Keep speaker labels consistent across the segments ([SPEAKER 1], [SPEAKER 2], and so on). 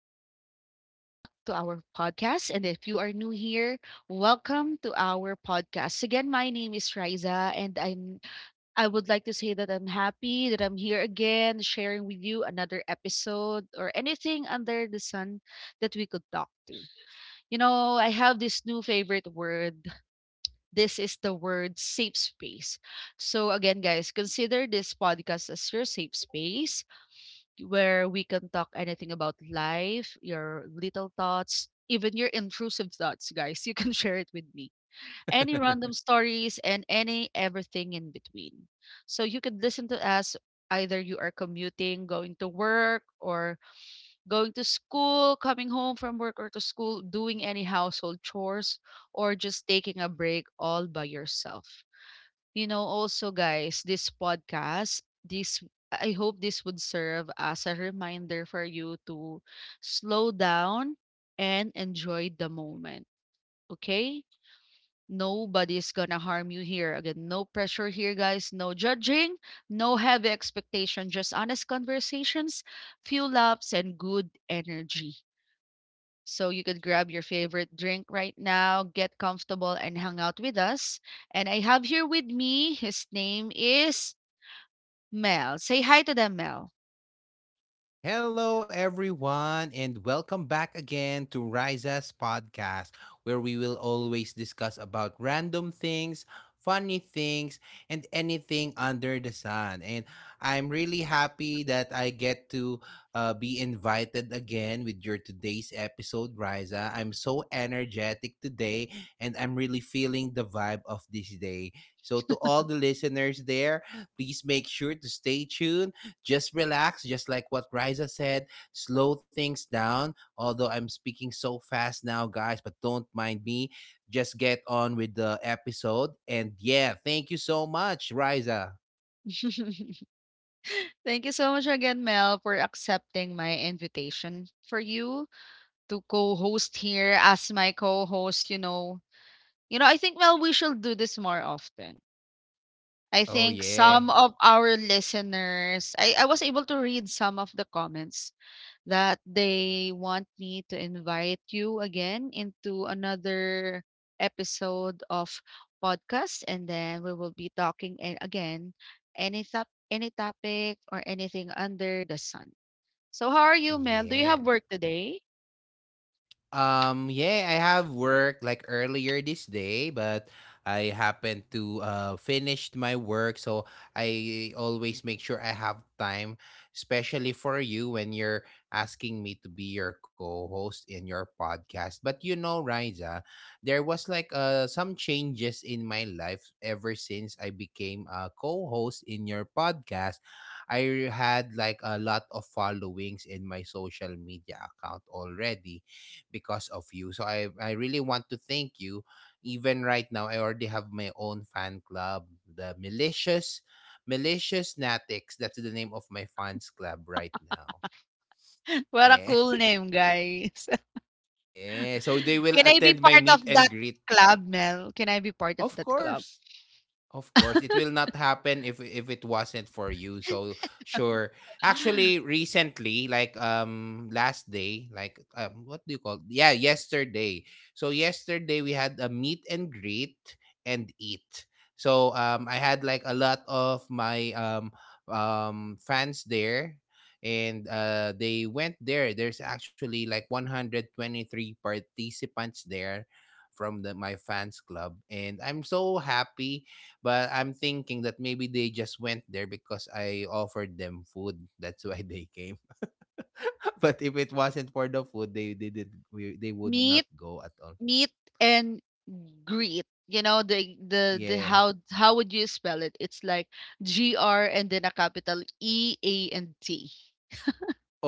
[SPEAKER 1] and again, welcome back to our podcast. And if you are new here, welcome to our podcast. Again, my name is Riza, and I would like to say that I'm happy that I'm here again, sharing with you another episode or anything under the sun that we could talk to. You know, I have this new favorite word. This is the word safe space. So, again, guys, consider this podcast as your safe space where we can talk anything about life, your little thoughts, even your intrusive thoughts, guys. You can share it with me. Any random stories and any everything in between. So you could listen to us either you are commuting, going to work, or going to school, coming home from work or to school, doing any household chores, or just taking a break all by yourself. You know, also guys, this podcast, this I hope this would serve as a reminder for you to slow down and enjoy the moment. Okay? Nobody's gonna harm you here. Again, no pressure here, guys. No judging, no heavy expectation, just honest conversations, few laughs, and good energy. So you could grab your favorite drink right now, get comfortable, and hang out with us. And I have here with me, his name is Mel. Say hi to them, Mel.
[SPEAKER 2] Hello, everyone, and welcome back again to Riza's podcast, where we will always discuss about random things, funny things, and anything under the sun. And I'm really happy that I get to be invited again with your today's episode, Riza. I'm so energetic today, and I'm really feeling the vibe of this day. So, to all the listeners there, please make sure to stay tuned just relax, just like what Riza said, slow things down. Although I'm speaking so fast now, guys, but don't mind me. Just get on with the episode. And yeah, thank you so much, Riza.
[SPEAKER 1] Thank you so much again, Mel, for accepting my invitation for you to co-host here as my co-host, you know. You know, I think Mel, we should do this more often. I
[SPEAKER 2] Oh,
[SPEAKER 1] think
[SPEAKER 2] yeah.
[SPEAKER 1] some of our listeners, I was able to read some of the comments that they want me to invite you again into another episode of podcast and then we will be talking again any topic or anything under the sun. So how are you, Mel? Do you
[SPEAKER 2] Yeah.
[SPEAKER 1] have work today?
[SPEAKER 2] Yeah, I have work like earlier this day, but I happened to finished my work, so I always make sure I have time, especially for you when you're asking me to be your co-host in your podcast. But you know, Riza, there was like some changes in my life ever since I became a co-host in your podcast. I had like a lot of followings in my social media account already because of you. So I really want to thank you. Even right now, I already have my own fan club, the Malicious Natics. That's the name of my fans club right now.
[SPEAKER 1] What a
[SPEAKER 2] Yeah.
[SPEAKER 1] cool name, guys.
[SPEAKER 2] Yeah. So they will
[SPEAKER 1] Can I be
[SPEAKER 2] attend my
[SPEAKER 1] part of
[SPEAKER 2] meet and
[SPEAKER 1] that
[SPEAKER 2] greet.
[SPEAKER 1] club, Mel? Can I be part of
[SPEAKER 2] Of
[SPEAKER 1] that club?
[SPEAKER 2] course. Of course, it will not happen if it wasn't for you. So sure. Actually, recently, like last day, like what do you call? Yeah, yesterday. So yesterday we had a meet and greet and eat. So I had like a lot of my fans there and they went there. There's actually like 123 participants there from the my fans club and I'm so happy. But I'm thinking that maybe they just went there because I offered them food. That's why they came. But if it wasn't for the food, they didn't. We- They would
[SPEAKER 1] Me
[SPEAKER 2] not go at all.
[SPEAKER 1] Meet and greet. You know the
[SPEAKER 2] Yeah.
[SPEAKER 1] how would you spell it? It's like G R and then a capital E A and T.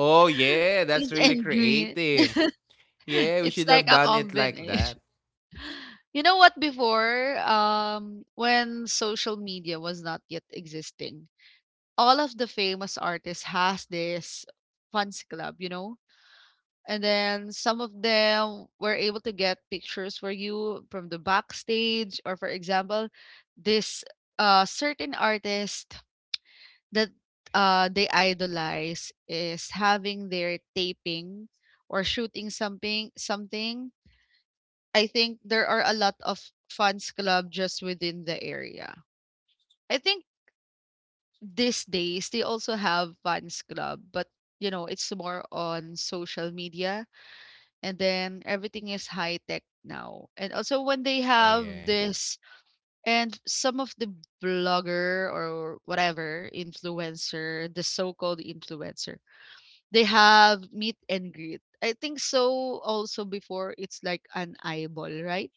[SPEAKER 2] Oh yeah, that's
[SPEAKER 1] Meet
[SPEAKER 2] really
[SPEAKER 1] and greet.
[SPEAKER 2] creative. Yeah, we
[SPEAKER 1] It's
[SPEAKER 2] should have
[SPEAKER 1] like a
[SPEAKER 2] done it like that.
[SPEAKER 1] combination. You know what? Before, when social media was not yet existing, all of the famous artists has this fans club. You know, and then some of them were able to get pictures for you from the backstage, or for example, this certain artist that they idolize is having their taping or shooting something. Something. I think there are a lot of fans club just within the area. I think these days they also have fans club, but you know it's more on social media and then everything is high tech now. And also when they
[SPEAKER 2] Oh
[SPEAKER 1] have
[SPEAKER 2] yeah.
[SPEAKER 1] this and some of the blogger or whatever influencer, the so-called influencer, they have meet and greet. I think so also before it's like an eyeball, right?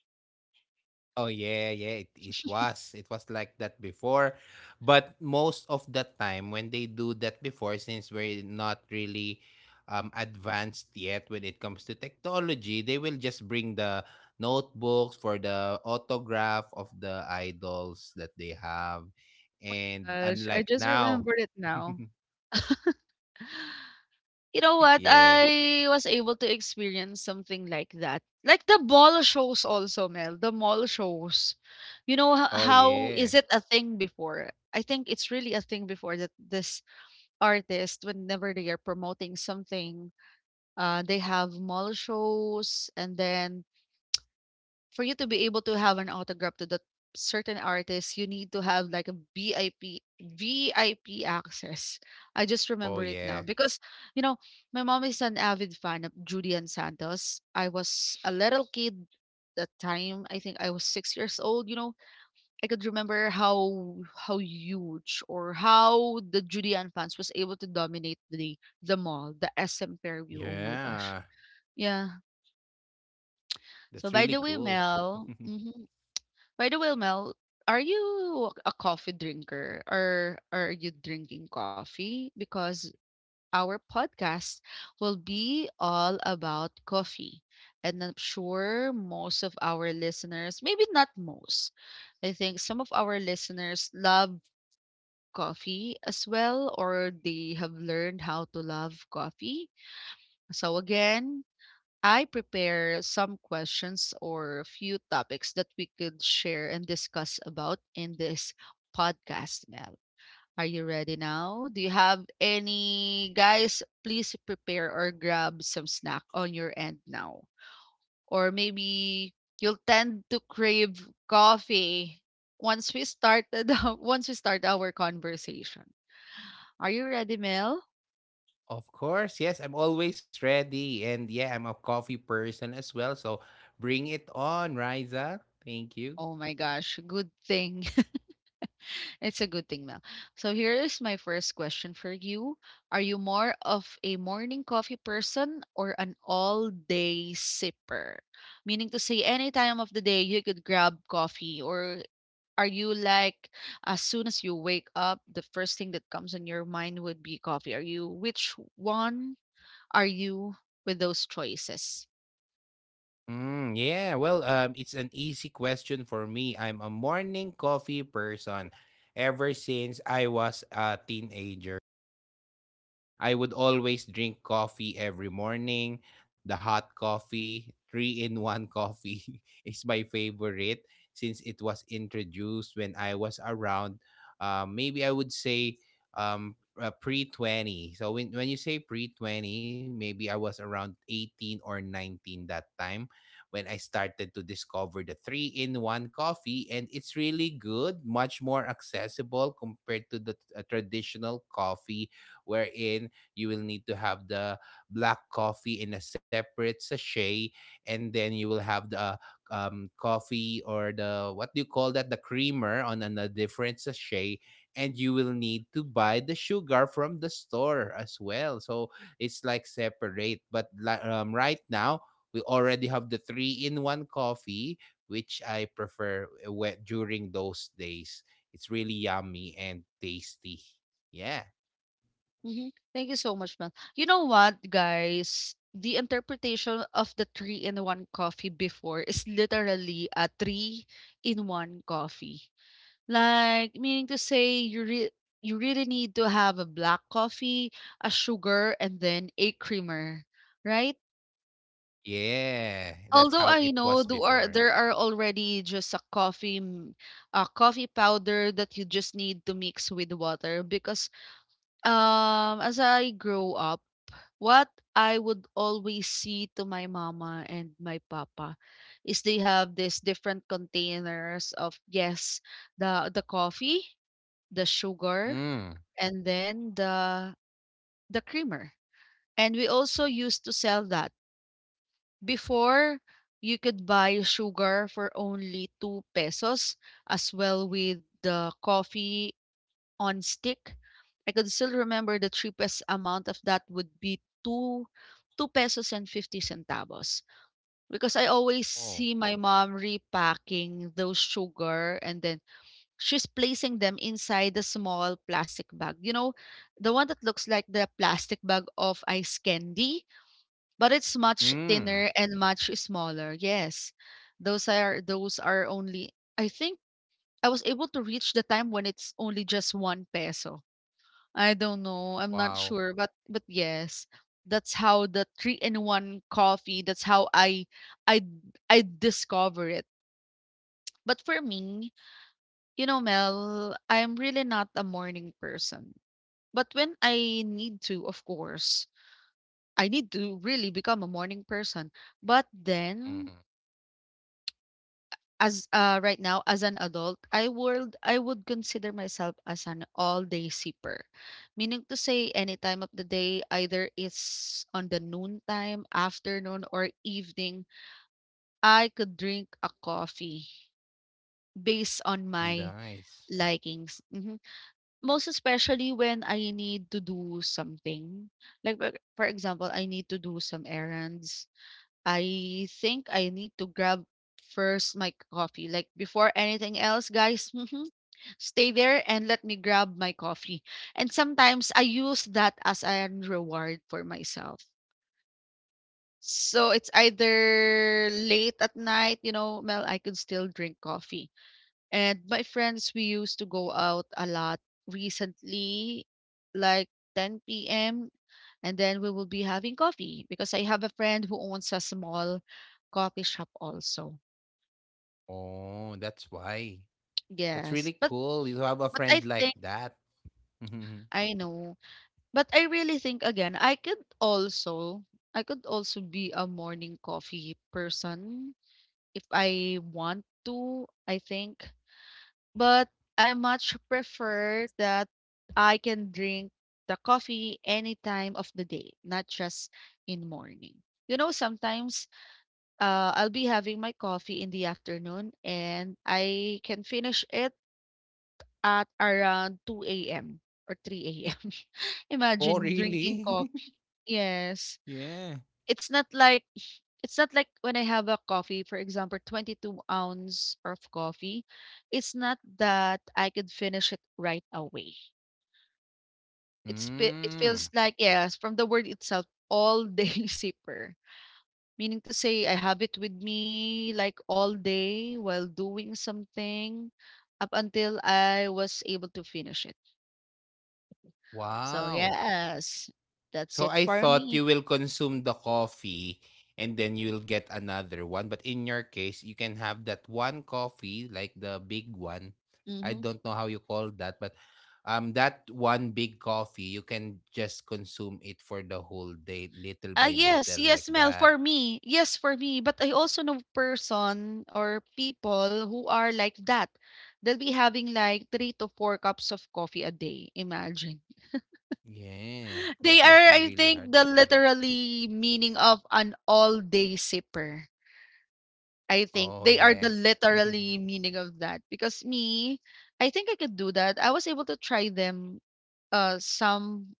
[SPEAKER 2] Oh yeah, yeah, it was. It was like that before. But most of the time when they do that before, since we're not really advanced yet when it comes to technology, they will just bring the notebooks for the autograph of the idols that they have. And
[SPEAKER 1] Gosh, I
[SPEAKER 2] unlike
[SPEAKER 1] just
[SPEAKER 2] now.
[SPEAKER 1] remembered it now. You know what,
[SPEAKER 2] Yeah.
[SPEAKER 1] I was able to experience something like that. Like the ball shows also, Mel, the mall shows. You know h-
[SPEAKER 2] Oh
[SPEAKER 1] how
[SPEAKER 2] yeah.
[SPEAKER 1] is it a thing before? I think it's really a thing before that this artist, whenever they are promoting something, they have mall shows and then for you to be able to have an autograph to that certain artist, you need to have like a VIP access. I just
[SPEAKER 2] Oh
[SPEAKER 1] remember it
[SPEAKER 2] yeah.
[SPEAKER 1] now because you know my mom is an avid fan of Julian Santos. I was a little kid that time. I think I was 6 years old. You know, I could remember how huge or how the Julian fans was able to dominate the mall, the SM Fairview. Oh my gosh,
[SPEAKER 2] Yeah.
[SPEAKER 1] yeah. So
[SPEAKER 2] That's
[SPEAKER 1] by
[SPEAKER 2] really
[SPEAKER 1] the way,
[SPEAKER 2] cool.
[SPEAKER 1] Mel. Mhm. By the way, Mel, are you a coffee drinker or are you drinking coffee? Because our podcast will be all about coffee. And I'm sure most of our listeners, maybe not most, I think some of our listeners love coffee as well, or they have learned how to love coffee. So, again, I prepare some questions or a few topics that we could share and discuss about in this podcast, Mel. Are you ready now? Do you have any guys? Please prepare or grab some snack on your end now. Or maybe you'll tend to crave coffee once we started once we start our conversation. Are you ready, Mel?
[SPEAKER 2] Of course, yes, I'm always ready. And yeah, I'm a coffee person as well. So bring it on, Riza. Thank you.
[SPEAKER 1] Oh my gosh, good thing it's a good thing, Mel. So here is my first question for you. Are you more of a morning coffee person or an all-day sipper? Meaning to say any time of the day you could grab coffee or are you like as soon as you wake up the first thing that comes in your mind would be coffee? Are you are you with those choices?
[SPEAKER 2] Yeah, well, it's an easy question for me. I'm a morning coffee person ever since I was a teenager. I would always drink coffee every morning. The hot coffee, three in one coffee, is my favorite since it was introduced when I was around, maybe I would say um, pre 20. So, when you say pre 20, maybe I was around 18 or 19 that time when I started to discover the three in one coffee. And it's really good, much more accessible compared to the traditional coffee, wherein you will need to have the black coffee in a separate sachet and then you will have the coffee or the what do you call that, the creamer on a different sachet, and you will need to buy the sugar from the store as well. So it's like separate, but right now we already have the three in one coffee which I prefer. During those days, it's really yummy and tasty, yeah.
[SPEAKER 1] Mhm. Thank you so much, man. You know what, guys? The interpretation of the three in one coffee before is literally a three in one coffee. Like meaning to say you really need to have a black coffee, a sugar, and then a creamer, right?
[SPEAKER 2] Yeah, that's how
[SPEAKER 1] Although
[SPEAKER 2] it
[SPEAKER 1] I
[SPEAKER 2] was
[SPEAKER 1] know
[SPEAKER 2] before.
[SPEAKER 1] there are already just a coffee powder that you just need to mix with water because as I grow up. What I would always see to my mama and my papa is they have these different containers of, yes, the coffee, the sugar,
[SPEAKER 2] Mm.
[SPEAKER 1] and then the creamer. And we also used to sell that. Before you could buy sugar for only 2 pesos as well with the coffee on stick. I could still remember the cheapest amount of that would be two pesos and 50 centavos. Because I always
[SPEAKER 2] Oh.
[SPEAKER 1] see my mom repacking those sugar and then she's placing them inside the small plastic bag. You know, the one that looks like the plastic bag of ice candy, but it's much
[SPEAKER 2] Mm.
[SPEAKER 1] thinner and much smaller. Yes. Those are only, I think, I was able to reach the time when it's only just one peso. I don't know, I'm not
[SPEAKER 2] Wow.
[SPEAKER 1] sure, but yes, that's how the three-in-one coffee, that's how I I discover it. But for me, you know, Mel, I'm really not a morning person. But when I need to, of course, I need to really become a morning person. But then
[SPEAKER 2] Mhm.
[SPEAKER 1] as right now as an adult, I would consider myself as an all day sipper, meaning to say any time of the day either it's on the noon time, afternoon or evening, I could drink a coffee based on my
[SPEAKER 2] Nice.
[SPEAKER 1] likings. Mhm. Most especially when I need to do something, like for example I need to do some errands, I think I need to grab first my coffee like before anything else, guys. Stay there and let me grab my coffee.
[SPEAKER 2] Yeah.
[SPEAKER 1] And sometimes I use that as an reward for myself. So it's either late at night, you know, Mel, I could still drink coffee. And my friends, we used to go out a lot recently, like 10 p.m. And then we will be having coffee because I have a friend who owns a small coffee shop also.
[SPEAKER 2] Oh, that's why. That's
[SPEAKER 1] Yes.
[SPEAKER 2] really cool. You have a
[SPEAKER 1] But I
[SPEAKER 2] friend like
[SPEAKER 1] think
[SPEAKER 2] that.
[SPEAKER 1] I know. But I really think again, I could also be a morning coffee person if I want to, I think. But I much prefer that I can drink the coffee any time of the day, not just in morning. You know, sometimes I'll be having my coffee in the afternoon and I can finish it at around 2 a.m. or 3 a.m.
[SPEAKER 2] Oh,
[SPEAKER 1] Imagine drinking
[SPEAKER 2] really?
[SPEAKER 1] coffee. Yes.
[SPEAKER 2] Yeah.
[SPEAKER 1] It's not like it's not like when I have a coffee, for example, 22 ounce of coffee. It's not that I could finish it right away. It
[SPEAKER 2] Mm.
[SPEAKER 1] feels like, yes, from the word itself, all day sipper. Meaning to say I have it with me like all day while doing something up until I was able to finish it. So
[SPEAKER 2] Wow.
[SPEAKER 1] yes, that's
[SPEAKER 2] So
[SPEAKER 1] it
[SPEAKER 2] I
[SPEAKER 1] for
[SPEAKER 2] thought you
[SPEAKER 1] me.
[SPEAKER 2] will consume the coffee and then you'll get another one. But in your case, you can have that one coffee, like the big one. I
[SPEAKER 1] Mhm.
[SPEAKER 2] don't know how you call that, but that one big coffee, you can just consume it for the whole day, little
[SPEAKER 1] Ah,
[SPEAKER 2] by
[SPEAKER 1] yes,
[SPEAKER 2] little,
[SPEAKER 1] yes,
[SPEAKER 2] like
[SPEAKER 1] Mel, for
[SPEAKER 2] that.
[SPEAKER 1] me. Yes, for me. But I also know person or people who are like that. They'll be having like three to four cups of coffee a day. Imagine.
[SPEAKER 2] Yeah.
[SPEAKER 1] They
[SPEAKER 2] That
[SPEAKER 1] are,
[SPEAKER 2] must be
[SPEAKER 1] I
[SPEAKER 2] really
[SPEAKER 1] think,
[SPEAKER 2] hard.
[SPEAKER 1] the
[SPEAKER 2] Mm.
[SPEAKER 1] literally meaning of an all-day sipper. I think
[SPEAKER 2] Oh
[SPEAKER 1] they are the
[SPEAKER 2] yeah.
[SPEAKER 1] literally meaning of that. Because me, I think I could do that. I was able to try them some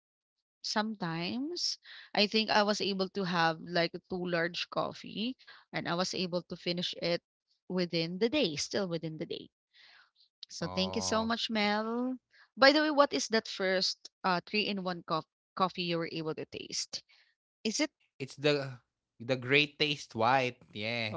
[SPEAKER 1] sometimes. I think I was able to have like two large coffee and I was able to finish it within the day, still within the day. So thank you so
[SPEAKER 2] Oh.
[SPEAKER 1] much, Mel. By the way, what is that first three in one cup coffee you were able to taste? Is it
[SPEAKER 2] It's the great taste white. Yeah.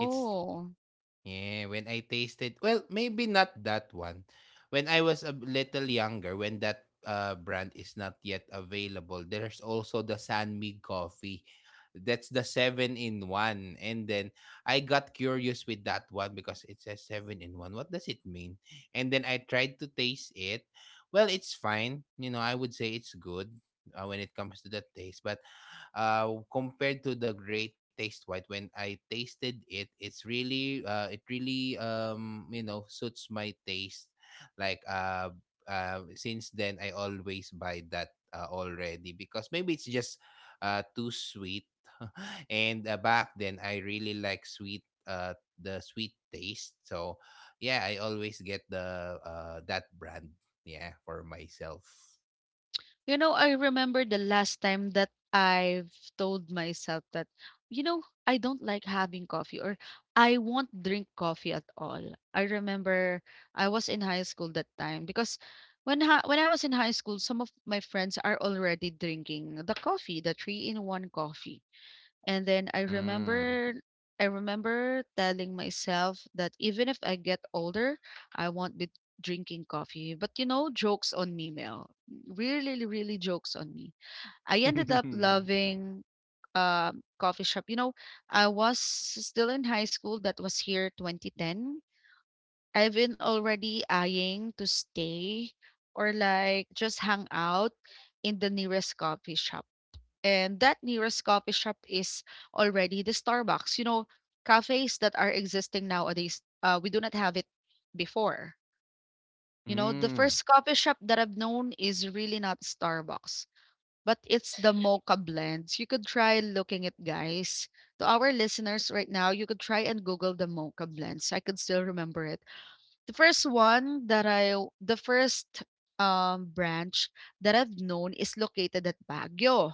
[SPEAKER 2] It's Yeah, when I tasted, well, maybe not that one. When I was a little younger, when that brand is not yet available, there's also the Sanmi coffee. That's the seven in one. And then I got curious with that one because it says seven in one. What does it mean? And then I tried to taste it. Well, it's fine. You know, I would say it's good when it comes to the taste, but compared to the great taste white, when I tasted it, it's really it really you know, suits my taste, like uh since then I always buy that already because maybe it's just too sweet and back then I really like sweet, the sweet taste. So yeah, I always get the that brand, yeah, for myself.
[SPEAKER 1] You know, I remember the last time that I've told myself that, I don't like having coffee, or I won't drink coffee at all. I remember I was in high school that time because when I was in high school, some of my friends are already drinking the coffee, the three in one coffee. And then
[SPEAKER 2] Mm.
[SPEAKER 1] I remember telling myself that even if I get older, I won't be drinking coffee. But jokes on me, Mel. Really, really jokes on me. I ended up loving coffee shop. You know, I was still in high school. That was here 2010. I've been already eyeing to stay or like just hang out in the nearest coffee shop, and that nearest coffee shop is already the Starbucks. You know, cafes that are existing nowadays, we do not have it before. You know, the
[SPEAKER 2] Mm.
[SPEAKER 1] first coffee shop that I've known is really not Starbucks, but it's the Mocha Blends. You could try looking it, guys. To our listeners right now, you could try and Google the Mocha Blends. I could still remember it. The first one that I, the first branch that I've known is located at Baguio,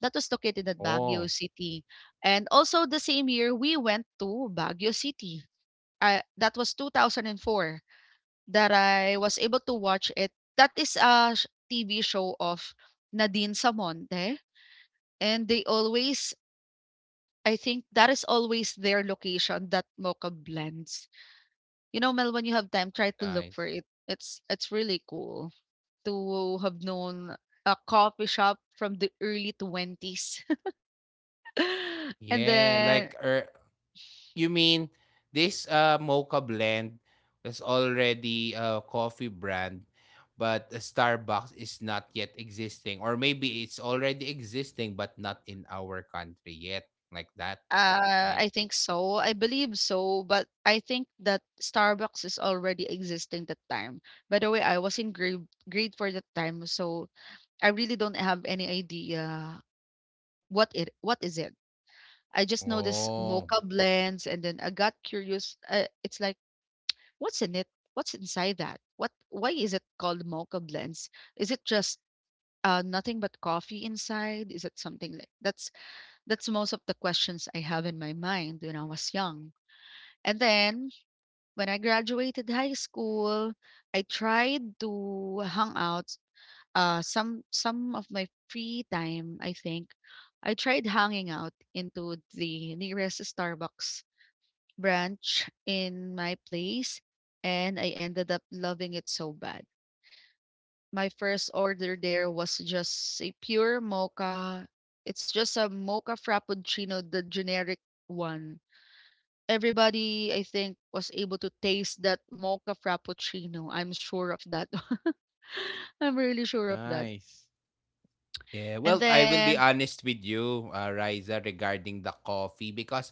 [SPEAKER 1] that was located at
[SPEAKER 2] Oh.
[SPEAKER 1] Baguio City. And also the same year we went to Baguio City. That was 2004 that I was able to watch it. That is a TV show of Nadine Samonte, and they always, I think that is always their location, that Mocha Blends. You know, Mel, when you have time, try to look
[SPEAKER 2] Nice.
[SPEAKER 1] for it. It's really cool to have known a coffee shop from the early 20s. And
[SPEAKER 2] Yeah,
[SPEAKER 1] then
[SPEAKER 2] you mean this mocha blend is already a coffee brand, but Starbucks is not yet existing, or maybe it's already existing but not in our country yet, like that, right?
[SPEAKER 1] I think so. I believe so, but I think that Starbucks is already existing that time. By the way, I was in grade for that time, so I really don't have any idea what is it. I just know this
[SPEAKER 2] Oh,
[SPEAKER 1] Mocha Blends, and then I got curious. It's like, what's in it? What's inside that? What? Why is it called Mocha Blends? Is it just nothing but coffee inside? Is it something like that's most of the questions I have in my mind when I was young. And then when I graduated high school, I tried to hang out some of my free time, I think. I tried hanging out into the nearest Starbucks branch in my place, and I ended up loving it so bad. My first order there was just a pure mocha. It's just a mocha frappuccino, the generic one. Everybody, I think, was able to taste that mocha frappuccino. I'm sure of that. I'm really sure of that.
[SPEAKER 2] nice. Yeah, well,
[SPEAKER 1] And
[SPEAKER 2] I will be
[SPEAKER 1] then
[SPEAKER 2] honest with you, Riza, regarding the coffee, because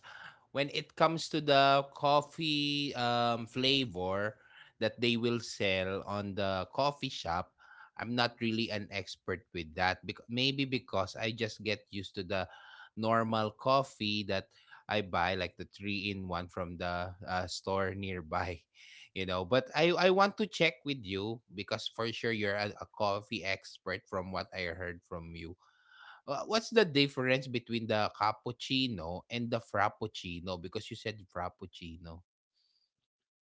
[SPEAKER 2] when it comes to the coffee flavor that they will sell on the coffee shop, I'm not really an expert with that. Because maybe because I just get used to the normal coffee that I buy, like the three in one from the store nearby. You know, but I want to check with you because for sure you're a coffee expert from what I heard from you. What's the difference between the cappuccino and the frappuccino, because you said frappuccino?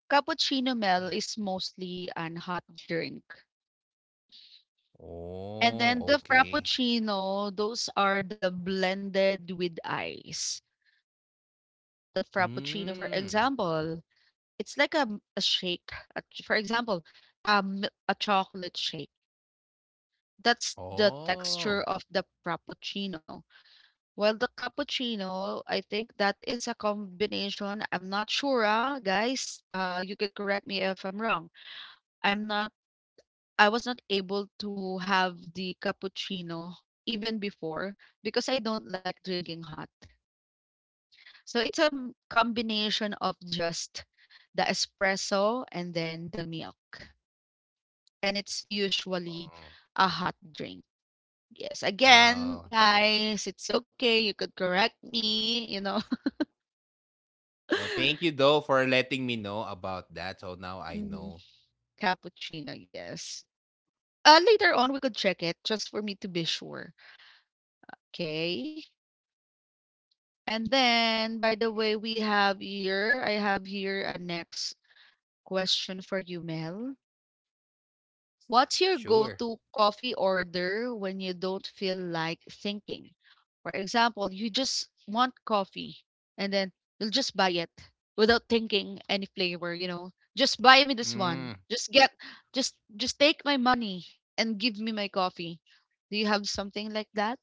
[SPEAKER 1] cappuccino,
[SPEAKER 2] Mm.
[SPEAKER 1] Mel, is mostly an hot drink. And
[SPEAKER 2] Oh,
[SPEAKER 1] then the
[SPEAKER 2] okay.
[SPEAKER 1] frappuccino, those are the blended with ice. The frappuccino, for
[SPEAKER 2] Mm.
[SPEAKER 1] example, it's like a shake. A for example, a chocolate shake. That's
[SPEAKER 2] Oh,
[SPEAKER 1] the texture
[SPEAKER 2] oh.
[SPEAKER 1] of the frappuccino. Well, the cappuccino, I think that is a combination. I'm not sure, ah, guys. You could correct me if I'm wrong. I'm not, I was not able to have the cappuccino even before because I don't like drinking hot. So it's a combination of just the espresso and then the milk. And it's usually a hot drink. Yes, again,
[SPEAKER 2] Ah.
[SPEAKER 1] guys, it's okay. You could correct me, you know.
[SPEAKER 2] Oh, thank you though for letting me know about that, so now I
[SPEAKER 1] Mhm.
[SPEAKER 2] know.
[SPEAKER 1] Cappuccino, yes. Later on, we could check it just for me to be sure. Okay. And then, by the way, we have here, I have here a next question for you, Mel. What's your go
[SPEAKER 2] Sure.
[SPEAKER 1] to coffee order when you don't feel like thinking? For example, you just want coffee, and then you'll just buy it without thinking any flavor, you know. Just buy me this one.
[SPEAKER 2] Mm.
[SPEAKER 1] Just get just take my money and give me my coffee. Do you have something like that?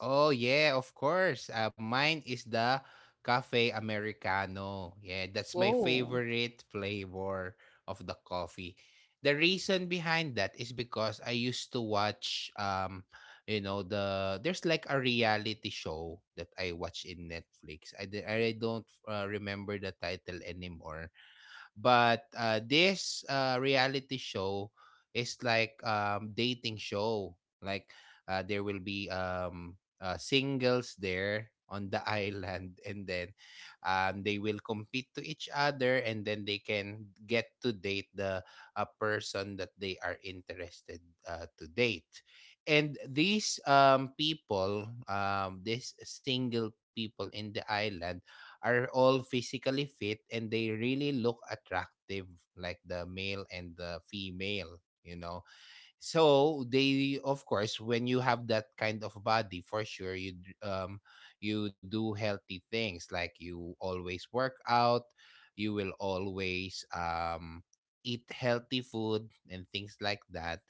[SPEAKER 2] Oh yeah, of course. Mine is the cafe americano. Yeah, that's my
[SPEAKER 1] Whoa.
[SPEAKER 2] favorite flavor of the coffee. The reason behind that is because I used to watch you know, there's like a reality show that I watch in Netflix. I don't remember the title anymore. But this reality show is like dating show. Like there will be singles there on the island, and then they will compete to each other, and then they can get to date the a person that they are interested to date. And these people, these single people in the island, are all physically fit and they really look attractive, like the male and the female, you know. So they, of course, when you have that kind of body, for sure you you do healthy things, like you always work out, you will always eat healthy food and things like that.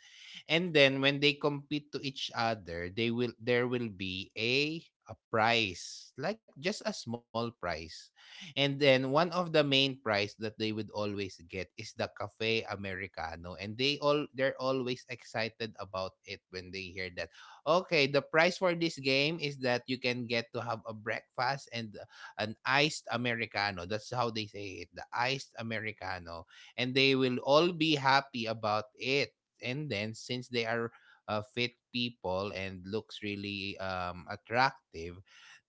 [SPEAKER 2] And then when they compete to each other, they will there will be a prize, like just a small prize. And then one of the main prize that they would always get is the cafe americano, and they're always excited about it when they hear that. Okay, the prize for this game is that you can get to have a breakfast and an iced americano. That's how they say it, the iced americano, and they will all be happy about it. And then, since they are fit people and looks really attractive,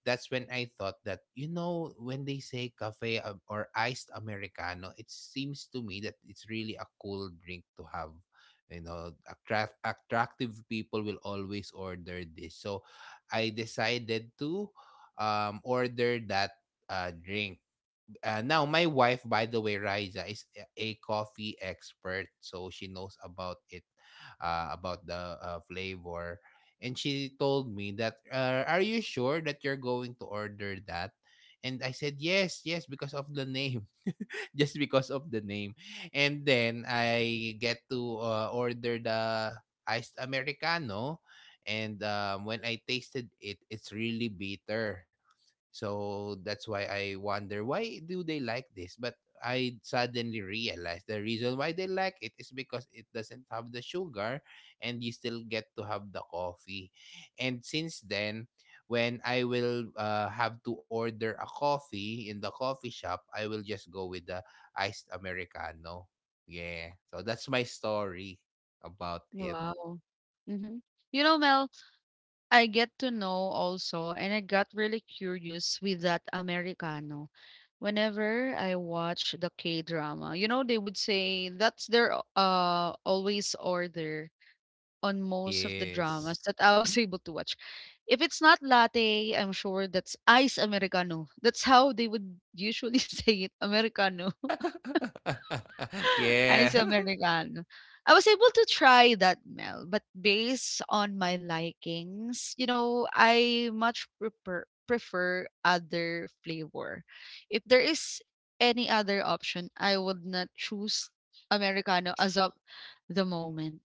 [SPEAKER 2] that's when I thought that, you know, when they say cafe or iced americano, it seems to me that it's really a cool drink to have. You know, attract attractive people will always order this. So I decided to order that drink. Now my wife, by the way, Riza, is a coffee expert, so she knows about it, about the flavor. And she told me that, are you sure that you're going to order that? And I said yes, yes, because of the name. Just because of the name. And then I get to order the iced americano, and when I tasted it, it's really bitter. So that's why I wonder, why do they like this? But I suddenly realized the reason why they like it is because it doesn't have the sugar, and you still get to have the coffee. And since then, when I will have to order a coffee in the coffee shop, I will just go with the iced americano. Yeah. So that's my story about it.
[SPEAKER 1] Wow. Hmm. You know, Mel, I get to know also, and I got really curious with that Americano. Whenever I watch the K drama, you know, they would say that's their always order on most of the dramas
[SPEAKER 2] Yes.
[SPEAKER 1] that I was able to watch. If it's not latte, I'm sure that's ice Americano. That's how they would usually say it, Americano. Ice
[SPEAKER 2] Yeah.
[SPEAKER 1] Americano. I was able to try that, Mel, but based on my likings, you know, I much prefer other flavor. If there is any other option, I would not choose Americano as of the moment.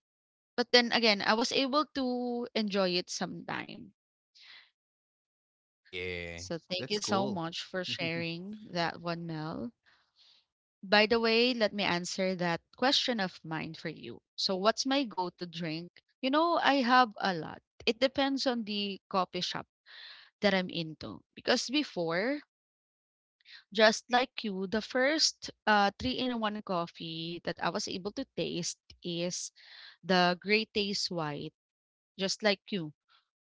[SPEAKER 1] But then again, I was able to enjoy it sometime.
[SPEAKER 2] Yeah.
[SPEAKER 1] So thank you
[SPEAKER 2] That's
[SPEAKER 1] so
[SPEAKER 2] cool.
[SPEAKER 1] much for sharing that one, Mel. By the way, let me answer that question of mine for you. So, what's my go to drink? You know, I have a lot. It depends on the coffee shop that I'm into. Because before, just like you, the first three in one coffee that I was able to taste is the Great Taste White, just like you.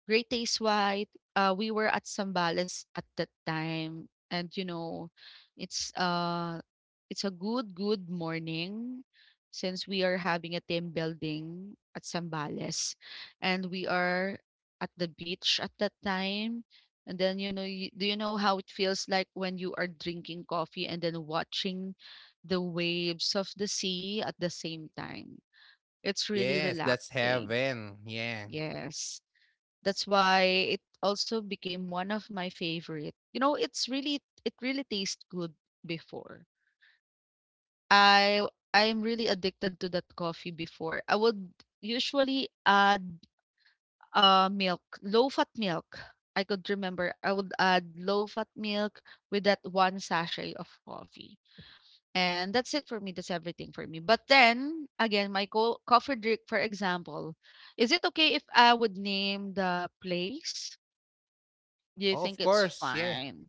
[SPEAKER 1] Great Taste White, we were at Zambales at that time. And you know, it's it's a good, good morning since we are having a team building at Zambales. And we are at the beach at that time. And then you know, do you know how it feels like when you are drinking coffee and then watching the waves of the sea at the same time? It's really
[SPEAKER 2] Yes, that's
[SPEAKER 1] relaxing.
[SPEAKER 2] heaven. Yeah.
[SPEAKER 1] Yes. That's why it also became one of my favorite. You know, it's really it really tastes good before. I I'm really addicted to that coffee before. I would usually add milk, low fat milk. I could remember I would add low fat milk with that one sachet of coffee. And that's it for me. That's everything for me. But then again, my coffee drink, for example, is it okay if I would name the place? Do you
[SPEAKER 2] Oh,
[SPEAKER 1] think
[SPEAKER 2] of
[SPEAKER 1] it's
[SPEAKER 2] course. Yeah.
[SPEAKER 1] fine?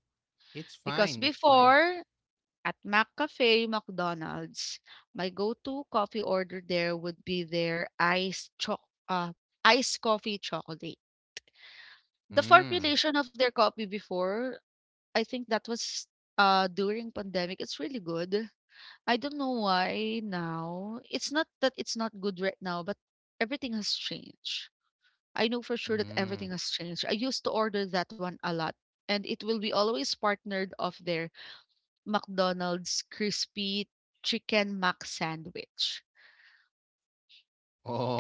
[SPEAKER 2] It's
[SPEAKER 1] Because
[SPEAKER 2] fine. It's fine.
[SPEAKER 1] before, at McCafe McDonald's, my go-to coffee order there would be their uh, iced coffee chocolate. The
[SPEAKER 2] Mm.
[SPEAKER 1] formulation of their coffee before, I think that was during pandemic, it's really good. I don't know why now. It's not that it's not good right now, but everything has changed. I know for sure that
[SPEAKER 2] Mm.
[SPEAKER 1] everything has changed. I used to order that one a lot, and it will be always partnered of their McDonald's crispy chicken mac sandwich.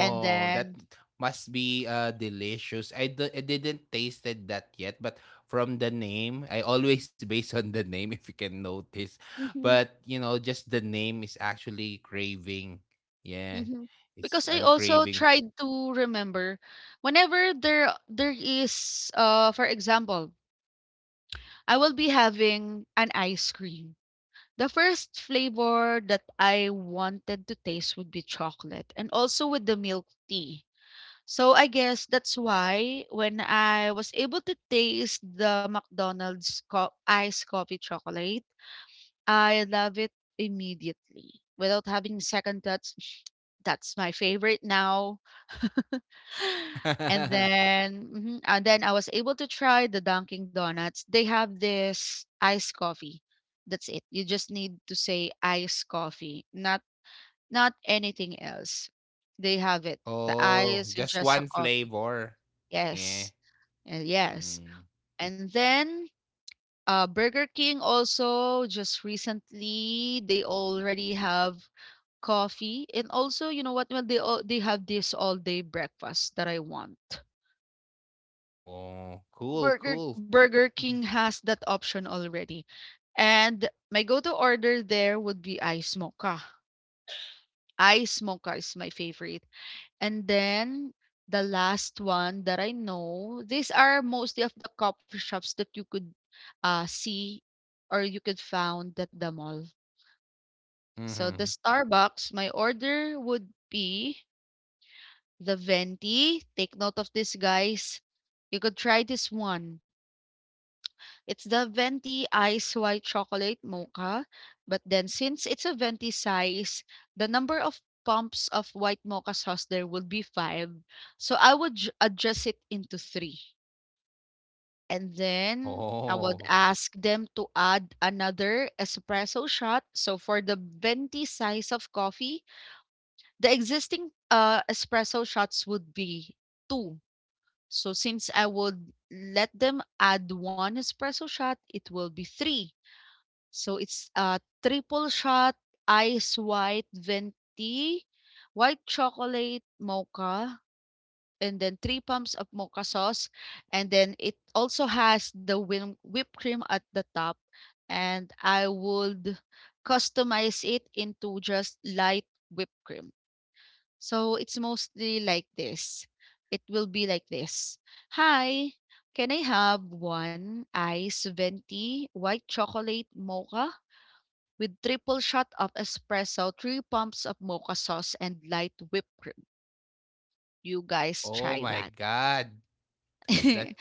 [SPEAKER 1] And
[SPEAKER 2] that
[SPEAKER 1] then
[SPEAKER 2] must be delicious. I didn't tasted that yet, but from the name, I always base on the name if you can notice.
[SPEAKER 1] mhm,
[SPEAKER 2] But just the name is actually craving. Yeah,
[SPEAKER 1] mhm, because
[SPEAKER 2] it's
[SPEAKER 1] I
[SPEAKER 2] I'm
[SPEAKER 1] also
[SPEAKER 2] craving.
[SPEAKER 1] tried to remember whenever there is uh, for example, I will be having an ice cream. The first flavor that I wanted to taste would be chocolate and also with the milk tea. So I guess that's why when I was able to taste the McDonald's iced coffee chocolate, I love it immediately without having second thoughts. That's my favorite now. And then and then I was able to try the Dunkin' Donuts. They have this iced coffee. That's it. You just need to say iced coffee, not not anything else. They have it. The
[SPEAKER 2] Oh,
[SPEAKER 1] ice with
[SPEAKER 2] just
[SPEAKER 1] just a
[SPEAKER 2] one
[SPEAKER 1] coffee.
[SPEAKER 2] flavor. Yeah.
[SPEAKER 1] Yes. And yes.
[SPEAKER 2] Mm.
[SPEAKER 1] And then Burger King also just recently they already have coffee, and also you know what, well, they all they have this all day breakfast that I want.
[SPEAKER 2] Oh, cool,
[SPEAKER 1] Burger
[SPEAKER 2] cool.
[SPEAKER 1] Burger King has that option already. And my go-to order there would be ice mocha. Ice mocha is my favorite. And then the last one that I know, these are mostly of the coffee shops that you could see or you could found at the mall. So the
[SPEAKER 2] Mm-hmm.
[SPEAKER 1] Starbucks, my order would be the venti. Take note of this, guys. You could try this one. It's the venti ice white chocolate mocha. But then, since it's a venti size, the number of pumps of white mocha sauce there would be 5. So I would adjust it into 3. And then I would
[SPEAKER 2] Oh,
[SPEAKER 1] ask them to add another espresso shot. So for the venti size of coffee, the existing, espresso shots would be 2. So since I would let them add 1 espresso shot, it will be 3. So it's a triple shot ice white venti, white chocolate mocha, and then 3 pumps of mocha sauce. And then it also has the whipped cream at the top. And I would customize it into just light whipped cream. So it's mostly like this. It will be like this. Hi, can I have one ice venti white chocolate mocha with triple shot of espresso, 3 pumps of mocha sauce, and light whipped cream? You guys
[SPEAKER 2] oh
[SPEAKER 1] try
[SPEAKER 2] my
[SPEAKER 1] that.
[SPEAKER 2] God, that
[SPEAKER 1] it's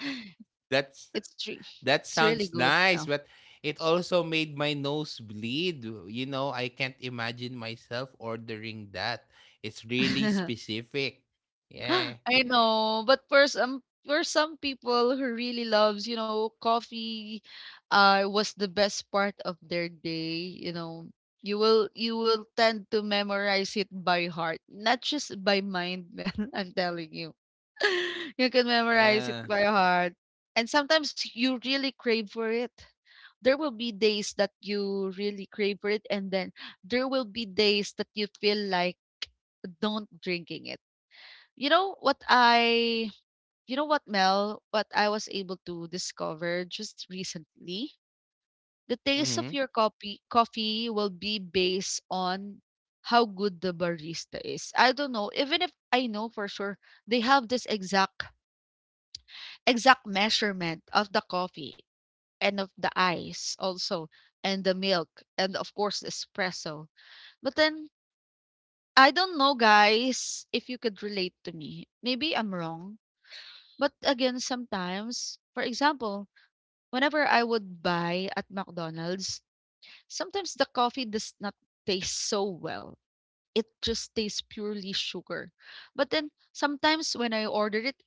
[SPEAKER 2] that's
[SPEAKER 1] re-
[SPEAKER 2] That
[SPEAKER 1] it's really
[SPEAKER 2] sounds
[SPEAKER 1] good now.
[SPEAKER 2] nice, but it also made my nose bleed. I can't imagine myself ordering that. It's really specific. Yeah.
[SPEAKER 1] I know, but for some people who really loves, you know, coffee uh, was the best part of their day, you know. You will tend to memorize it by heart, not just by mind, man. I'm telling you. You can memorize it
[SPEAKER 2] Yeah.
[SPEAKER 1] by heart. And sometimes you really crave for it. There will be days that you really crave for it, and then there will be days that you feel like don't drinking it you know what I you know what, Mel, what I was able to discover just recently? The taste of
[SPEAKER 2] Mm-hmm.
[SPEAKER 1] your coffee will be based on how good the barista is. I don't know, even if I know for sure they have this exact measurement of the coffee and of the ice also and the milk and of course the espresso. But then I don't know, guys, if you could relate to me. Maybe I'm wrong. But again, sometimes, for example, whenever I would buy at McDonald's, sometimes the coffee does not taste so well. It just tastes purely sugar. But then sometimes when I ordered it,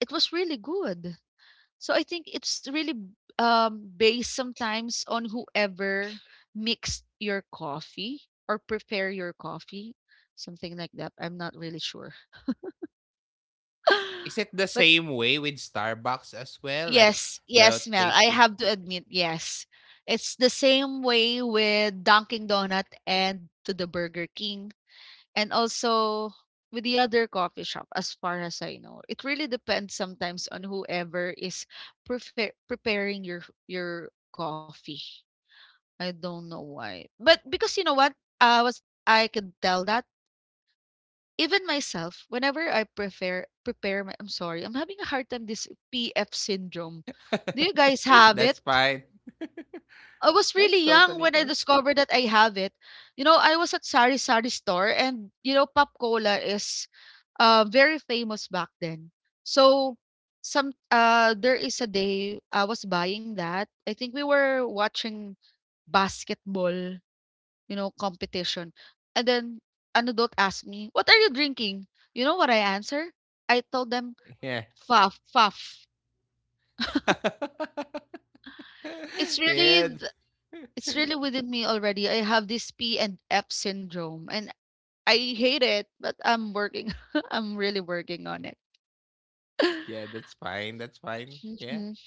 [SPEAKER 1] it was really good. So I think it's really based sometimes on whoever mixed your coffee or prepare your coffee, something like that. I'm not really sure.
[SPEAKER 2] Is it the
[SPEAKER 1] but
[SPEAKER 2] same way with Starbucks as well? Like
[SPEAKER 1] Yes,
[SPEAKER 2] the
[SPEAKER 1] yes, Mel.
[SPEAKER 2] taste
[SPEAKER 1] I
[SPEAKER 2] would.
[SPEAKER 1] have to admit, yes. It's the same way with Dunkin' Donut and to the Burger King and also with the other coffee shop as far as I know. It really depends sometimes on whoever is preparing your coffee. I don't know why. But because you know what? I could tell that even myself whenever I prefer prepare my, I'm sorry. I'm having a hard time this PF syndrome. Do you guys have it?
[SPEAKER 2] That's fine.
[SPEAKER 1] I was
[SPEAKER 2] That's
[SPEAKER 1] really young
[SPEAKER 2] totally
[SPEAKER 1] when I
[SPEAKER 2] fine.
[SPEAKER 1] discovered that I have it. You know, I was at Sari Sari store and you know Pop Cola is very famous back then. So some there is a day I was buying that. I think we were watching basketball, you know, competition. And then an adult asked me, "What are you drinking?" You know what I answer? I told them,
[SPEAKER 2] Yeah.
[SPEAKER 1] "Faf, faf." It's really
[SPEAKER 2] yeah.
[SPEAKER 1] th- it's really within me already. I have this P and F syndrome, and I hate it, but I'm working. I'm really working on it.
[SPEAKER 2] Yeah, that's fine. That's fine. Yeah.
[SPEAKER 1] Mhm.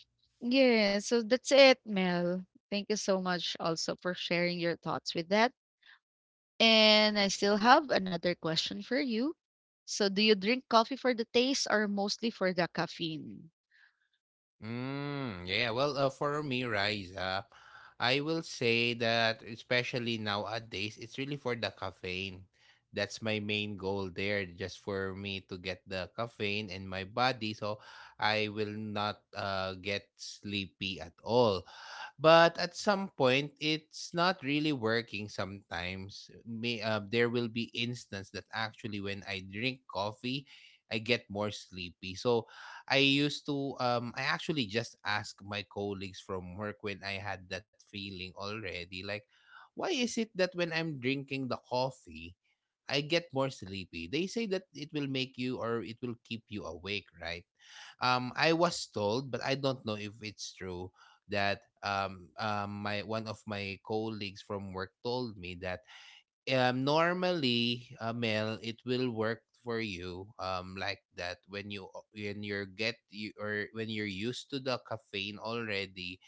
[SPEAKER 1] Yeah, so that's it, Mel. Thank you so much also for sharing your thoughts with that. And I still have another question for you. So, do you drink coffee for the taste or mostly for the caffeine?
[SPEAKER 2] Yeah, for me, Rise Up, I will say that especially nowadays, it's really for the caffeine. That's my main goal there, just for me to get the caffeine in my body so I will not get sleepy at all. But at some point it's not really working sometimes may there will be instance that actually when I drink coffee I get more sleepy. So I used to I actually just ask my colleagues from work when I had that feeling already, like why is it that when I'm drinking the coffee I get more sleepy. They say that it will make you or it will keep you awake, right? I was told, but I don't know if it's true, that my one of my colleagues from work told me that normally Mel, it will work for you like that when you when you're get you or when you're used to the caffeine already,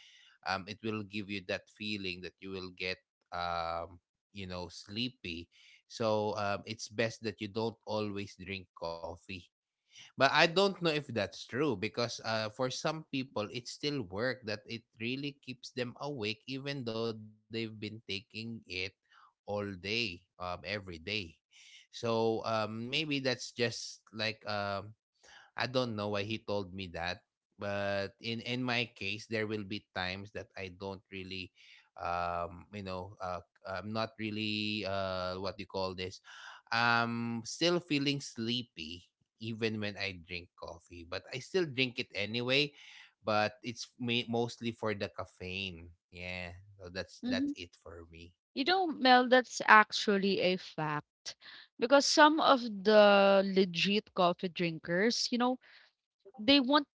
[SPEAKER 2] it will give you that feeling that you will get, um you know, sleepy. So it's best that you don't always drink coffee. But I don't know if that's true, because for some people, it's still work that it really keeps them awake even though they've been taking it all day, every day. So maybe that's just like I don't know why he told me that, but in my case, there will be times that I don't really, I'm not really what do you call this? I'm still feeling sleepy even when I drink coffee, but I still drink it anyway. But it's me mostly for the caffeine. Yeah, so that's
[SPEAKER 1] Mm-hmm.
[SPEAKER 2] it for me.
[SPEAKER 1] You know, Mel, that's actually a fact. Because some of the legit coffee drinkers, you know, they won't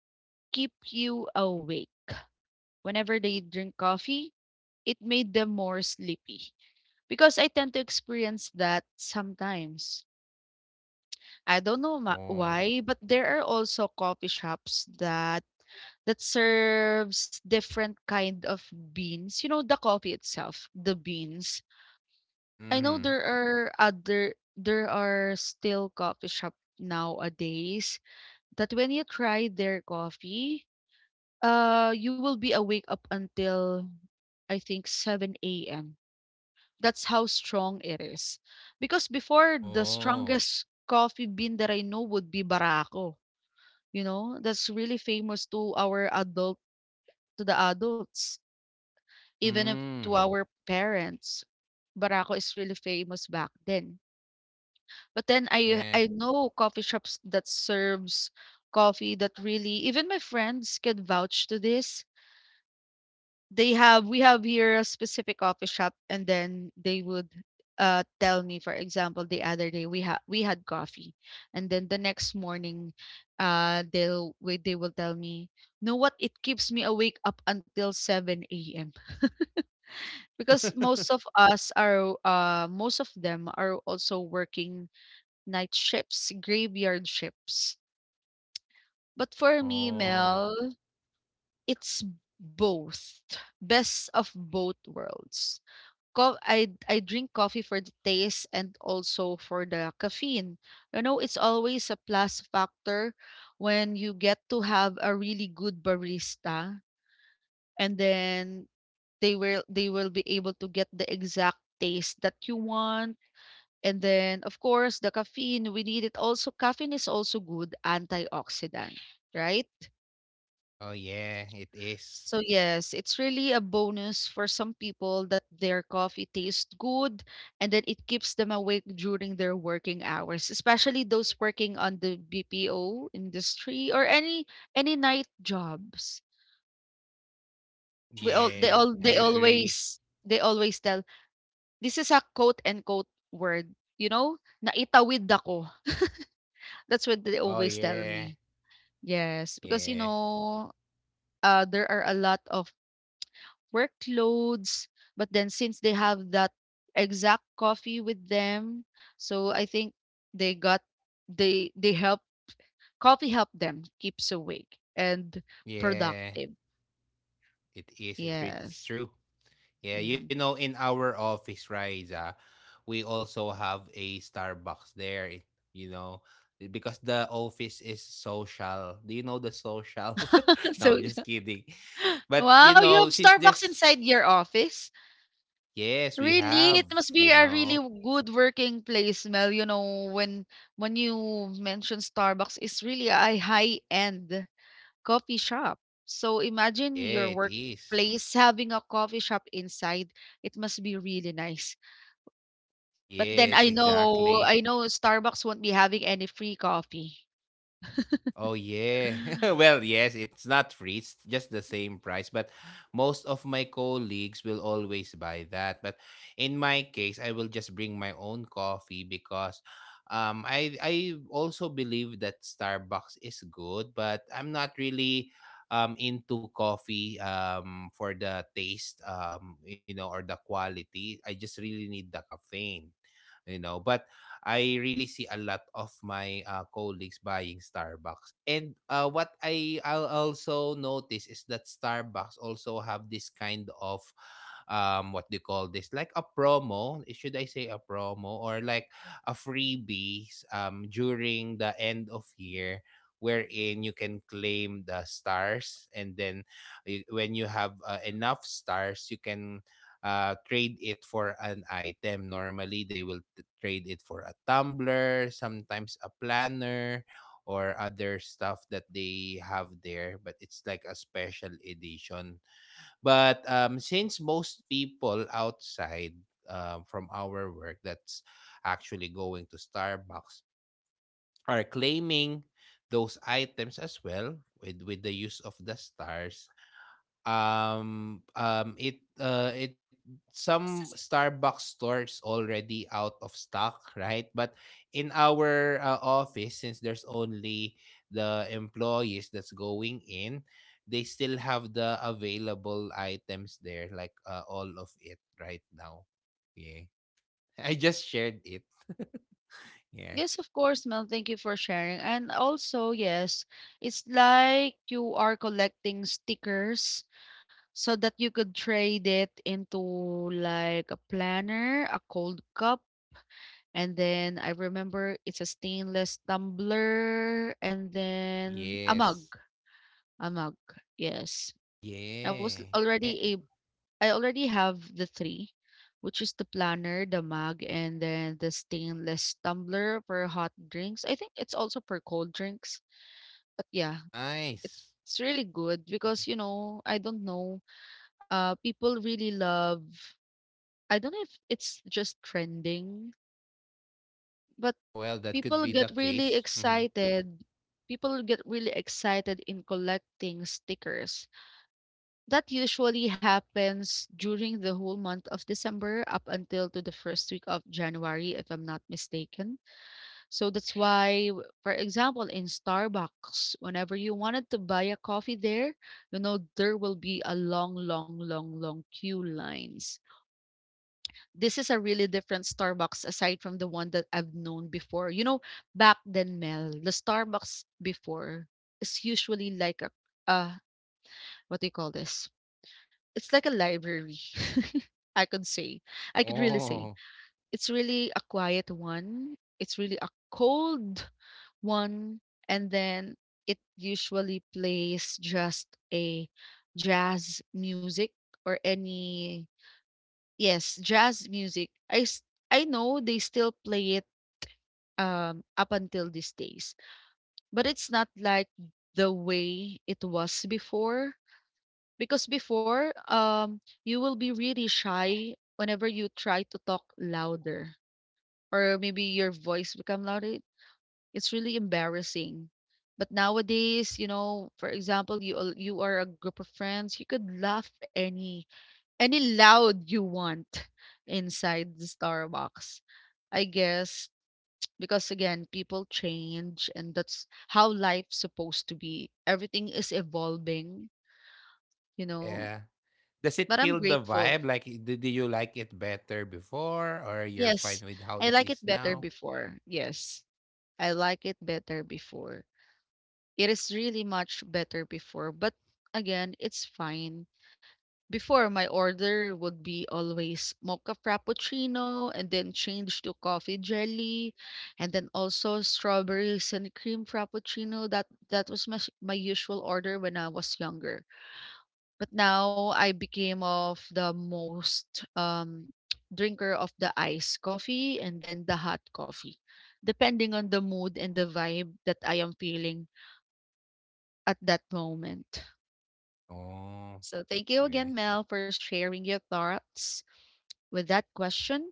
[SPEAKER 1] keep you awake. Whenever they drink coffee, it made them more sleepy. Because I tend to experience that sometimes. I don't know
[SPEAKER 2] Oh.
[SPEAKER 1] why, but there are also coffee shops that serves different kind of beans. You know, the coffee itself, the beans. I know
[SPEAKER 2] Mm-hmm.
[SPEAKER 1] There are other there are still coffee shop nowadays that when you try their coffee, you will be awake up until, I think, 7 a.m. That's how strong it is. Because before, the
[SPEAKER 2] Oh.
[SPEAKER 1] strongest coffee bean that I know would be Barako, you know, that's really famous to our adult to the adults, even if to
[SPEAKER 2] Mm.
[SPEAKER 1] our parents. Barako is really famous back then. But then I
[SPEAKER 2] Yeah.
[SPEAKER 1] I know coffee shops that serves coffee that really even my friends can vouch to this. They have, we have here a specific coffee shop, and then they would tell me, for example, the other day we had coffee and then the next morning they will tell me know what it keeps me awake up until 7 a.m. because most of us are most of them are also working night shifts, graveyard shifts. But for me,
[SPEAKER 2] oh.
[SPEAKER 1] Mel, it's both. Best of both worlds. I drink coffee for the taste and also for the caffeine. You know, it's always a plus factor when you get to have a really good barista, and then they will be able to get the exact taste that you want. And then, of course, the caffeine, we need it also. Caffeine is also good antioxidant, right?
[SPEAKER 2] Oh yeah, it
[SPEAKER 1] So,
[SPEAKER 2] is.
[SPEAKER 1] yes, it's really a bonus for some people that their coffee tastes good and then it keeps them awake during their working hours, especially those working on the BPO industry or any night jobs. We all
[SPEAKER 2] Yeah, I agree.
[SPEAKER 1] they always tell, this is a quote and quote word, you know, naitawid ako. That's what they
[SPEAKER 2] Oh
[SPEAKER 1] always tell me.
[SPEAKER 2] yeah,
[SPEAKER 1] Yes, because, you
[SPEAKER 2] yeah,
[SPEAKER 1] know, there are a lot of workloads, but then since they have that exact coffee with them, so I think they got they help, coffee help them keeps awake and
[SPEAKER 2] yeah.
[SPEAKER 1] productive.
[SPEAKER 2] It is.
[SPEAKER 1] Yes.
[SPEAKER 2] It's true. Yeah,
[SPEAKER 1] hmm
[SPEAKER 2] you know, in our office, Riza, we also have a Starbucks there. You know, because the office is social. Do you know the social? No,
[SPEAKER 1] so
[SPEAKER 2] I'm just kidding. But
[SPEAKER 1] wow,
[SPEAKER 2] you
[SPEAKER 1] you have
[SPEAKER 2] know, since
[SPEAKER 1] Starbucks inside
[SPEAKER 2] there's
[SPEAKER 1] your office?
[SPEAKER 2] yes, we
[SPEAKER 1] Really? It
[SPEAKER 2] have.
[SPEAKER 1] must be
[SPEAKER 2] You
[SPEAKER 1] a really
[SPEAKER 2] know,
[SPEAKER 1] good working place, Mel. You know, when you mention Starbucks, it's really a high-end coffee shop. So imagine your
[SPEAKER 2] yeah, it is.
[SPEAKER 1] workplace having a coffee shop inside. It must be really nice. But then
[SPEAKER 2] Yes, exactly.
[SPEAKER 1] I know Starbucks won't be having any free coffee.
[SPEAKER 2] Oh yeah. Well, yes, it's not free. It's just the same price, but most of my colleagues will always buy that. But in my case, I will just bring my own coffee because I also believe that Starbucks is good, but I'm not really into coffee for the taste or the quality. I just really need the caffeine, but I really see a lot of my colleagues buying Starbucks. And what I'll also notice is that Starbucks also have this kind of what do you call this, like a promo, should I say a promo, or like a freebies during the end of year, wherein you can claim the stars. And then when you have enough stars, you can trade it for an item. Normally, they will trade it for a tumbler, sometimes a planner, or other stuff that they have there. But it's like a special edition. But since most people outside from our work that's actually going to Starbucks are claiming those items as well with the use of the stars, it some Starbucks stores already out of stock, right? But in our office, since there's only the employees that's going in, they still have the available items there, like all of it right now. Yeah. I just shared it. Yeah.
[SPEAKER 1] Yes, of course, Mel. Thank you for sharing. And also, yes, it's like you are collecting stickers so that you could trade it into like a planner, a cold cup, and then I remember it's a stainless tumbler and then a mug.
[SPEAKER 2] Yes.
[SPEAKER 1] A mug. Yes. I was
[SPEAKER 2] Yeah. Eh,
[SPEAKER 1] already a I already have the three, which is the planner, the mug, and then the stainless tumbler for hot drinks. I think it's also for cold drinks. But yeah,
[SPEAKER 2] nice.
[SPEAKER 1] it's really good because, you know, I don't know. People really love, I don't know if it's just trending, but
[SPEAKER 2] Mm-hmm. Well, that could
[SPEAKER 1] people
[SPEAKER 2] be
[SPEAKER 1] get
[SPEAKER 2] the
[SPEAKER 1] really
[SPEAKER 2] case. Mhm.
[SPEAKER 1] excited. People get really excited in collecting stickers. That usually happens during the whole month of December up until to the first week of January, if I'm not mistaken. So that's why, for example, in Starbucks, whenever you wanted to buy a coffee there, you know, there will be a long, long, long, long queue lines. This is a really different Starbucks aside from the one that I've known before. You know, back then, Mel, the Starbucks before is usually like a uh what do you call this? It's like a library. I could say. I could really
[SPEAKER 2] Oh.
[SPEAKER 1] say. It's really a quiet one. It's really a cold one. And then it usually plays just a jazz music or any. Yes, jazz music. I know they still play it up until these days. But it's not like the way it was before because before you will be really shy whenever you try to talk louder or maybe your voice become louder. It's really embarrassing. But nowadays, you know, for example, you are a group of friends, you could laugh any loud you want inside the Starbucks. I guess because again, people change and that's how life's supposed to be. Everything is evolving, you know.
[SPEAKER 2] Yeah. Does
[SPEAKER 1] But
[SPEAKER 2] it
[SPEAKER 1] I'm
[SPEAKER 2] kill the
[SPEAKER 1] grateful.
[SPEAKER 2] vibe? Like, do, do you like it better before, or you're fine
[SPEAKER 1] Yes,
[SPEAKER 2] with how
[SPEAKER 1] I
[SPEAKER 2] it
[SPEAKER 1] like it
[SPEAKER 2] is
[SPEAKER 1] better
[SPEAKER 2] now?
[SPEAKER 1] before. Yes, I like it better before. It is really much better before, but again, it's fine. Before, my order would be always mocha frappuccino and then change to coffee jelly and then also strawberries and cream frappuccino. That was my, my usual order when I was younger. But now I became of the most um, drinker of the iced coffee and then the hot coffee, depending on the mood and the vibe that I am feeling at that moment.
[SPEAKER 2] Oh,
[SPEAKER 1] So thank you again,
[SPEAKER 2] yeah.
[SPEAKER 1] Mel, for sharing your thoughts with that question.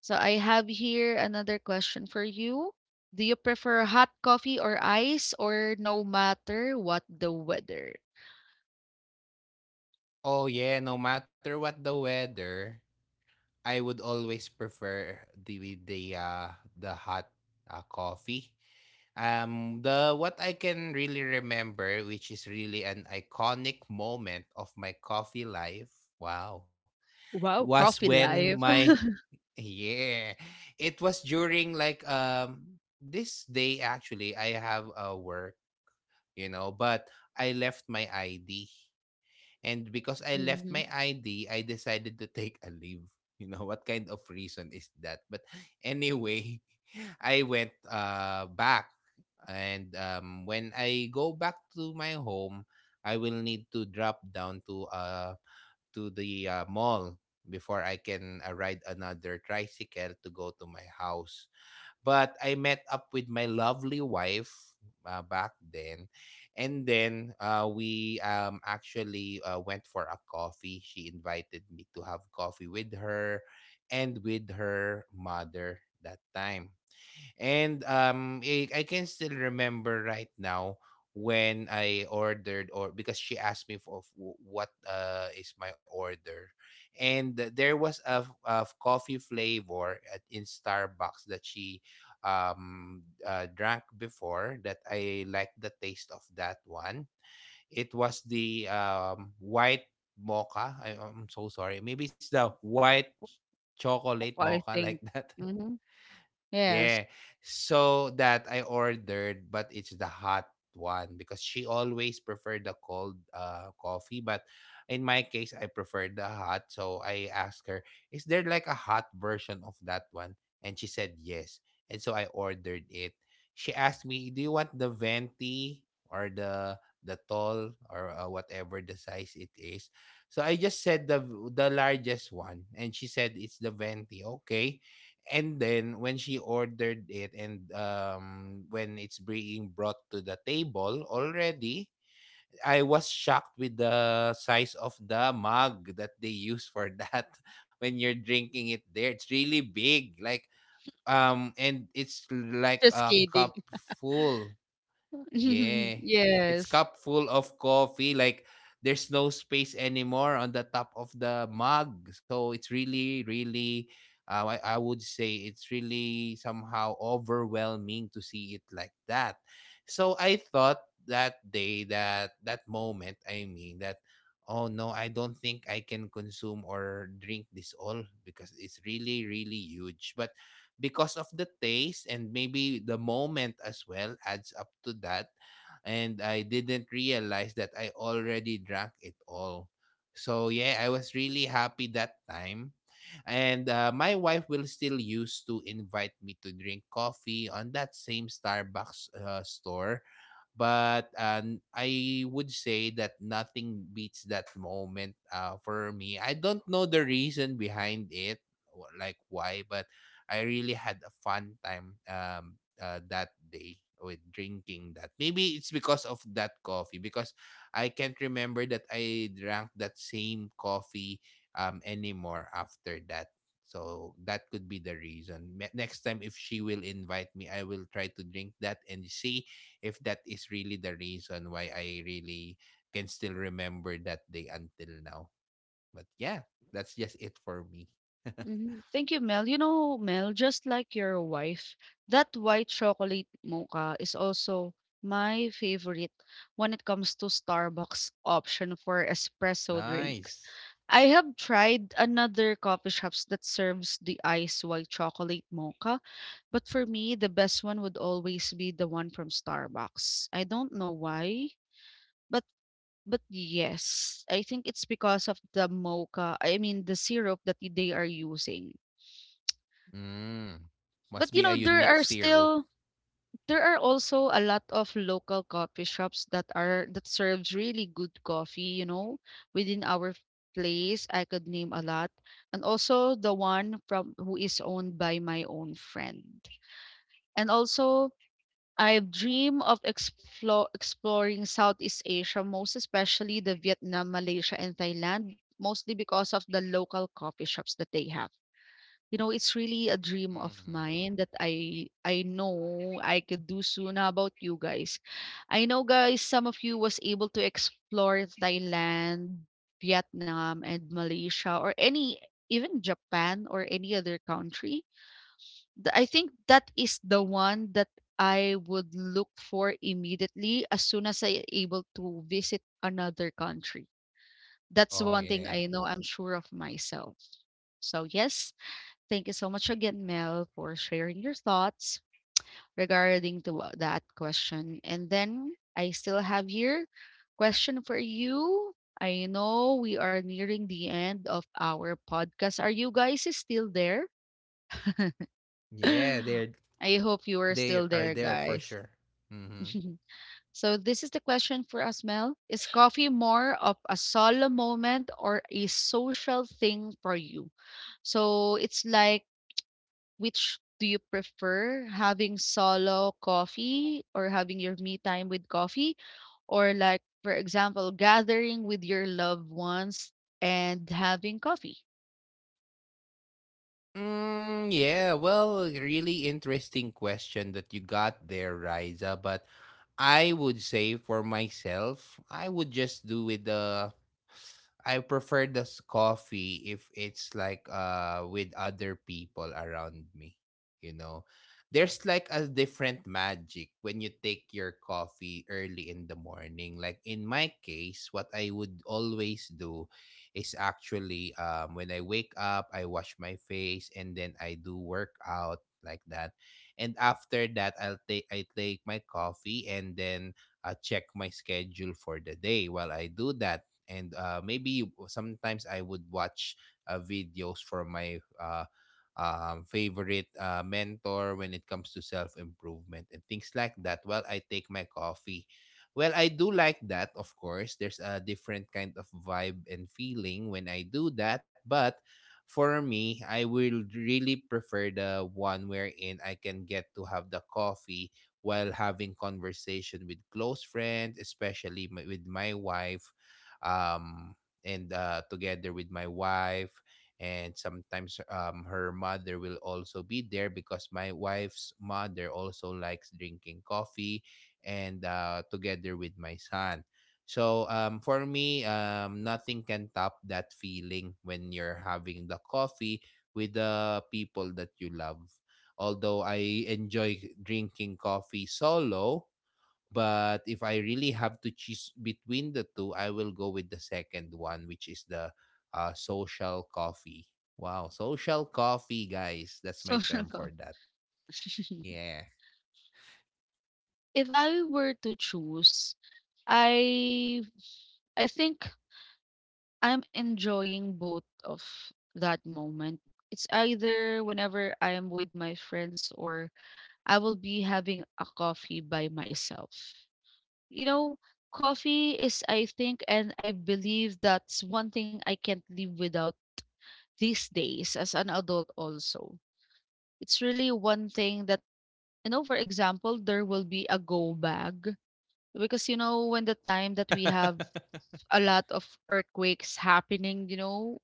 [SPEAKER 1] So I have here another question for you. Do you prefer hot coffee or ice or no matter what the weather?
[SPEAKER 2] Oh, yeah. No matter what the weather, I would always prefer the the hot coffee. The what I can really remember, which is really an iconic moment of my coffee life. Wow
[SPEAKER 1] Wow,
[SPEAKER 2] was
[SPEAKER 1] coffee
[SPEAKER 2] when
[SPEAKER 1] life.
[SPEAKER 2] my yeah, it was during like this day. Actually I have a work, you know, but I left my ID. And because I left
[SPEAKER 1] hmm
[SPEAKER 2] my ID, I decided to take a leave. You know what kind of reason is that? But anyway, I went back. And when I go back to my home, I will need to drop down to a to the mall before I can ride another tricycle to go to my house. But I met up with my lovely wife back then, and then we actually went for a coffee. She invited me to have coffee with her and with her mother that time. And I can still remember right now when I ordered, or because she asked me for what is my order, and there was a, coffee flavor at, in Starbucks that she drank before that I liked the taste of that one. It was the white mocha. I'm so sorry. Maybe it's the white chocolate
[SPEAKER 1] I
[SPEAKER 2] mocha like
[SPEAKER 1] think.
[SPEAKER 2] that.
[SPEAKER 1] Hmm Yes.
[SPEAKER 2] Yeah. So that I ordered, but it's the hot one because she always preferred the cold coffee. But in my case, I prefer the hot. So I asked her, is there like a hot version of that one? And she said yes. And so I ordered it. She asked me, do you want the venti or the tall or whatever the size it is? So I just said the largest one, and she said it's the venti. Okay. And then when she ordered it and when it's being brought to the table already, I was shocked with the size of the mug that they use for that. When you're drinking it there, it's really big, like and it's like
[SPEAKER 1] Just
[SPEAKER 2] a
[SPEAKER 1] kidding.
[SPEAKER 2] cup full. Yeah. It's
[SPEAKER 1] yes.
[SPEAKER 2] cup full of coffee. Like there's no space anymore on the top of the mug. So it's really, really I would say it's really somehow overwhelming to see it like that. So I thought that day that that moment, I mean that, oh no, I don't think I can consume or drink this all because it's really, really huge. But because of the taste and maybe the moment as well adds up to that, and I didn't realize that I already drank it all. So yeah, I was really happy that time. And my wife will still used to invite me to drink coffee on that same Starbucks store. But I would say that nothing beats that moment for me. I don't know the reason behind it, like why, but I really had a fun time that day with drinking that. Maybe it's because of that coffee, because I can't remember that I drank that same coffee anymore after that. So that could be the reason. Next time, if she will invite me, I will try to drink that and see if that is really the reason why I really can still remember that day until now. But yeah, that's just it for me.
[SPEAKER 1] Mhm. Thank you, Mel. You know, Mel, just like your wife, that white chocolate mocha is also my favorite when it comes to Starbucks option for espresso drinks.
[SPEAKER 2] Nice.
[SPEAKER 1] I have tried another coffee shops that serves the ice white chocolate mocha, but for me, the best one would always be the one from Starbucks. I don't know why, but but yes, I think it's because of the mocha. I mean, the syrup that they are using.
[SPEAKER 2] Mm. Must
[SPEAKER 1] But
[SPEAKER 2] be
[SPEAKER 1] you
[SPEAKER 2] a
[SPEAKER 1] know, there
[SPEAKER 2] unique
[SPEAKER 1] are
[SPEAKER 2] syrup.
[SPEAKER 1] still there are also a lot of local coffee shops that are that serves really good coffee, you know, within our place. I could name a lot. And also the one from who is owned by my own friend. And also I dream of exploring Southeast Asia, most especially the Vietnam, Malaysia, and Thailand, mostly because of the local coffee shops that they have. You know, it's really a dream of
[SPEAKER 2] Mhm.
[SPEAKER 1] mine that I know I could do soon. How about you guys? I know, guys, some of you was able to explore Thailand, Vietnam, and Malaysia or any, even Japan or any other country. I think that is the one that I would look for immediately as soon as I able to visit another country. That's
[SPEAKER 2] Oh
[SPEAKER 1] one thing
[SPEAKER 2] yeah.
[SPEAKER 1] I know I'm sure of myself. So yes, thank you so much again, Mel, for sharing your thoughts regarding to that question. And then I still have here question for you. I know we are nearing the end of our podcast. Are you guys still there?
[SPEAKER 2] Yeah, they're
[SPEAKER 1] I hope you are
[SPEAKER 2] they
[SPEAKER 1] still
[SPEAKER 2] are
[SPEAKER 1] there,
[SPEAKER 2] there for
[SPEAKER 1] guys.
[SPEAKER 2] sure. Mm-hmm.
[SPEAKER 1] So this is the question for us, Mel. Is coffee more of a solo moment or a social thing for you? So it's like, which do you prefer, having solo coffee or having your me time with coffee? Or like, for example, gathering with your loved ones and having coffee,
[SPEAKER 2] Yeah, well, really interesting question that you got there, Riza. But I would say for myself, I would just do with the. I prefer this coffee if it's like with other people around me. You know, there's like a different magic when you take your coffee early in the morning. Like in my case, what I would always do is actually when I wake up, I wash my face, and then I do workout like that. And after that, I take my coffee and then check my schedule for the day while I do that. And maybe sometimes I would watch videos from my favorite mentor when it comes to self improvement and things like that while I take my coffee. Well, I do like that, of course. There's a different kind of vibe and feeling when I do that, but for me, I will really prefer the one wherein I can get to have the coffee while having conversation with close friends, especially my, with my wife, um, and together with my wife. And sometimes her mother will also be there because my wife's mother also likes drinking coffee and together with my son. So for me, nothing can top that feeling when you're having the coffee with the people that you love. Although I enjoy drinking coffee solo, but if I really have to choose between the two, I will go with the second one, which is the social coffee. Wow, social coffee, guys. That's my
[SPEAKER 1] social
[SPEAKER 2] term
[SPEAKER 1] coffee.
[SPEAKER 2] for that. Yeah.
[SPEAKER 1] If I were to choose, I I think I'm enjoying both of that moment. It's either whenever I am with my friends or I will be having a coffee by myself. You know, coffee is, I think, and I believe that's one thing I can't live without these days as an adult, also. It's really one thing that, you know, for example, there will be a go bag. Because, you know, when the time that we have a lot of earthquakes happening, you know,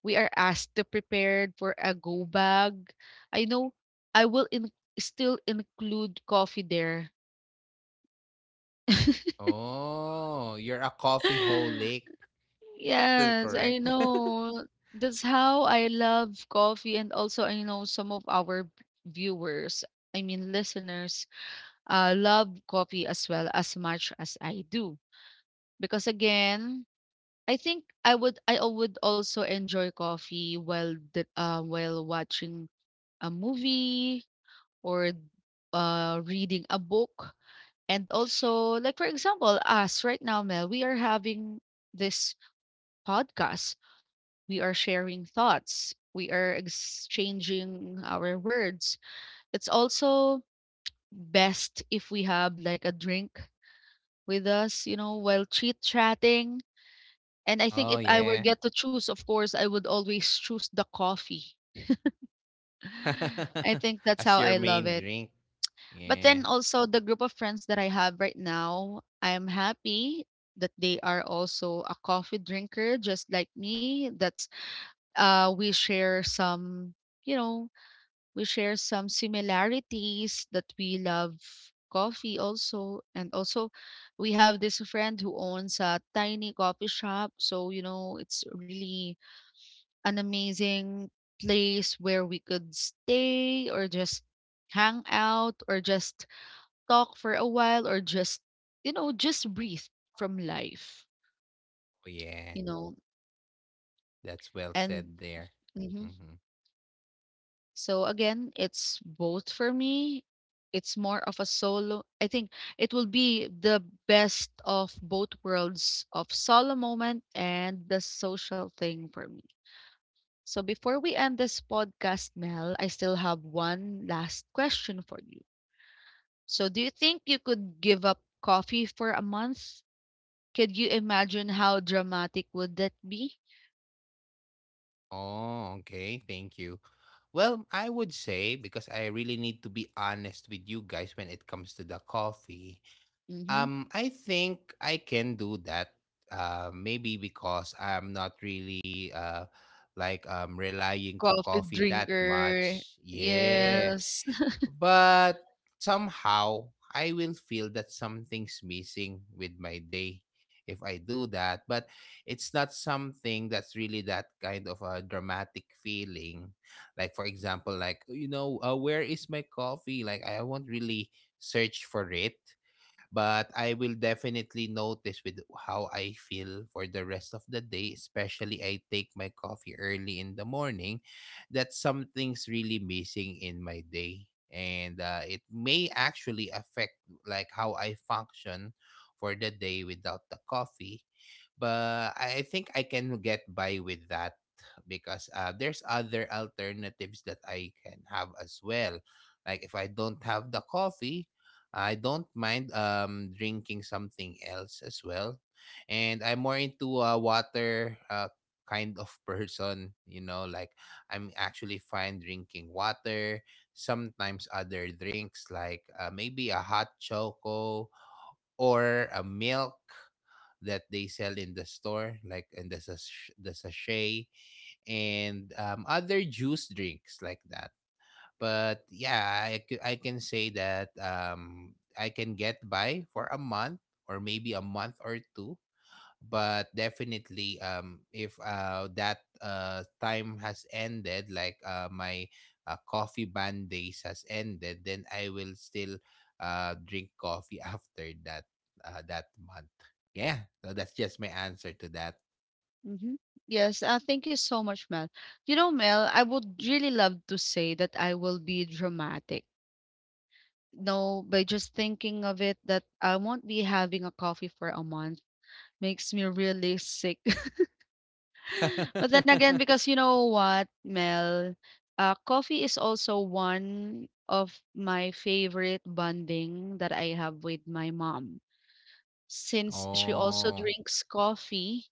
[SPEAKER 1] we are asked to prepare for a go bag. I know I will still include coffee there.
[SPEAKER 2] Oh, you're a coffee holic. Is that the
[SPEAKER 1] Yes, I
[SPEAKER 2] correct?
[SPEAKER 1] know. That's how I love coffee, and also I know some of our viewers, I mean listeners, love coffee as well as much as I do. Because again, I think I would I al- would also enjoy coffee while while watching a movie or reading a book, and also like for example, us right now, Mel, we are having this podcast. We are sharing thoughts. We are exchanging our words. It's also best if we have like a drink with us, you know, while chit chatting. And I think
[SPEAKER 2] Oh,
[SPEAKER 1] if I were
[SPEAKER 2] yeah.
[SPEAKER 1] get to choose, of course, I would always choose the coffee. I think that's
[SPEAKER 2] As
[SPEAKER 1] how
[SPEAKER 2] your
[SPEAKER 1] I love
[SPEAKER 2] main
[SPEAKER 1] it.
[SPEAKER 2] drink.
[SPEAKER 1] But
[SPEAKER 2] Yeah.
[SPEAKER 1] then also the group of friends that I have right now, I'm happy that they are also a coffee drinker just like me. That's we share some, you know, we share some similarities that we love coffee also and also we have this friend who owns a tiny coffee shop, so you know it's really an amazing place where we could stay or just hang out or just talk for a while or just you know just breathe from life,
[SPEAKER 2] Oh, yeah.
[SPEAKER 1] you know,
[SPEAKER 2] That's well
[SPEAKER 1] and
[SPEAKER 2] said there.
[SPEAKER 1] mhm.
[SPEAKER 2] Hmm.
[SPEAKER 1] So again, it's both for me. It's more of a solo. I think it will be the best of both worlds of solo moment and the social thing for me. So before we end this podcast, Mel, I still have one last question for you. So do you think you could give up coffee for a month? Could you imagine how dramatic would that be?
[SPEAKER 2] Oh, okay. Thank you. Well, I would say because I really need to be honest with you guys when it comes to the coffee.
[SPEAKER 1] Mm-hmm.
[SPEAKER 2] I think I can do that. Maybe because I'm not really like relying to
[SPEAKER 1] Coffee
[SPEAKER 2] coffee that
[SPEAKER 1] drinker.
[SPEAKER 2] much. Yeah.
[SPEAKER 1] Yes.
[SPEAKER 2] But somehow I will feel that something's missing with my day if I do that. But it's not something that's really that kind of a dramatic feeling. Like for example, like where is my coffee? Like I won't really search for it but I will definitely notice with how I feel for the rest of the day, especially I take my coffee early in the morning, that something's really missing in my day. And it may actually affect like how I function for the day without the coffee. But I think I can get by with that because there's other alternatives that I can have as well. Like if I don't have the coffee, I don't mind drinking something else as well. And I'm more into a water kind of person, you know, like I'm actually fine drinking water, sometimes other drinks like maybe a hot choco or a milk that they sell in the store like in the sachet and other juice drinks like that but yeah, I can say that I can get by for a month or maybe a month or two. But definitely, if that time has ended, like my coffee ban days has ended, then I will still drink coffee after that that month. Yeah, so that's just my answer to that.
[SPEAKER 1] Hmm. Yes, thank you so much, Mel. You know, Mel, I would really love to say that I will be dramatic. No, by just thinking of it, that I won't be having a coffee for a month makes me really sick. But then again, because you know what, Mel, coffee is also one of my favorite bonding that I have with my mom. Since she also
[SPEAKER 2] Oh.
[SPEAKER 1] drinks coffee,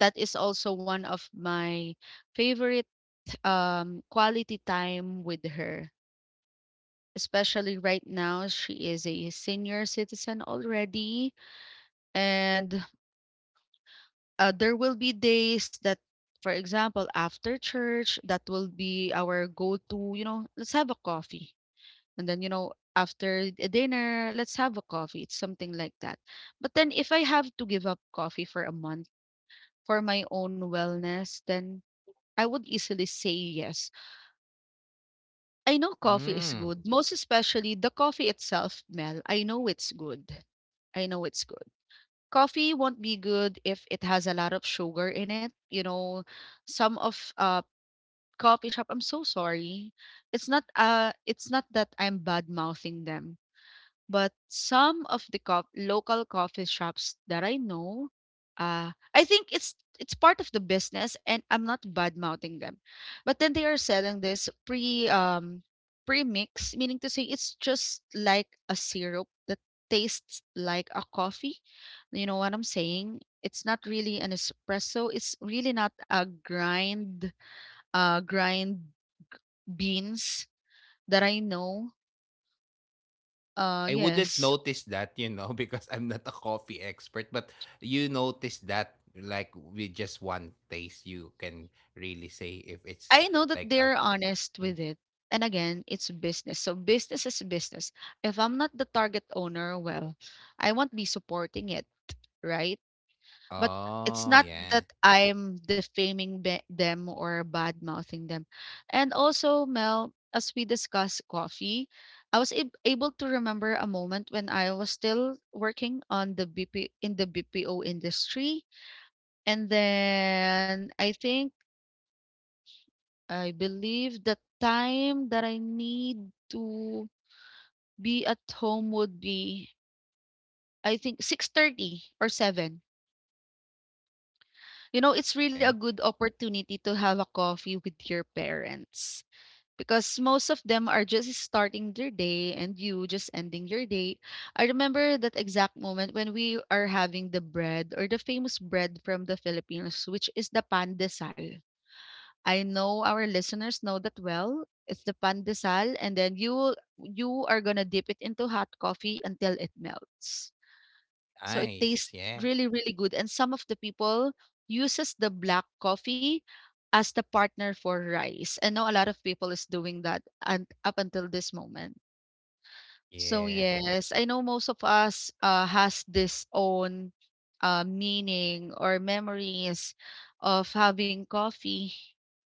[SPEAKER 1] that is also one of my favorite quality time with her. Especially right now, she is a senior citizen already. And there will be days that, for example, after church, that will be our go to, you know, let's have a coffee. And then, you know, after dinner, let's have a coffee. It's something like that. But then, if I have to give up coffee for a month for my own wellness, then I would easily say yes. I know coffee is
[SPEAKER 2] Mm.
[SPEAKER 1] good, most especially the coffee itself, Mel. I know it's good. I know it's good. Coffee won't be good if it has a lot of sugar in it. You know, some of coffee shop, I'm so sorry. It's not that I'm bad mouthing them. But some of the co local coffee shops that I know, I think it's part of the business, and I'm not bad mouthing them. But then they are selling this pre-mix, meaning to say it's just like a syrup that tastes like a coffee. You know what I'm saying? It's not really an espresso. It's really not a grind, grind beans that I know.
[SPEAKER 2] I wouldn't
[SPEAKER 1] Yes.
[SPEAKER 2] notice that, you know, because I'm not a coffee expert, but you notice that like with just one taste you can really say if it's
[SPEAKER 1] I know that
[SPEAKER 2] like a
[SPEAKER 1] they're honest
[SPEAKER 2] mm.
[SPEAKER 1] with it. And again, it's business. So business is business. If I'm not the target owner, well, I won't be supporting it, right? But it's
[SPEAKER 2] Oh
[SPEAKER 1] not
[SPEAKER 2] yeah.
[SPEAKER 1] that I'm defaming them or bad mouthing them. And also, Mel, as we discussed coffee, I was able to remember a moment when I was still working on the BP in the BPO industry. And then I think I believe the time that I need to be at home would be I think 6:30 or 7. You know, it's really a
[SPEAKER 2] Okay.
[SPEAKER 1] good opportunity to have a coffee with your parents because most of them are just starting their day and you just ending your day. I remember that exact moment when we are having the bread or the famous bread from the Philippines which is the pandesal. I know our listeners know that well. It's the pandesal, and then you are gonna dip it into hot coffee until it melts. So it
[SPEAKER 2] Nice.
[SPEAKER 1] tastes
[SPEAKER 2] Yeah.
[SPEAKER 1] really, really good. And some of the people uses the black coffee as the partner for rice. I know a lot of people is doing that and up until this moment. So
[SPEAKER 2] Yeah.
[SPEAKER 1] yes, I know most of us has this own meaning or memories of having coffee.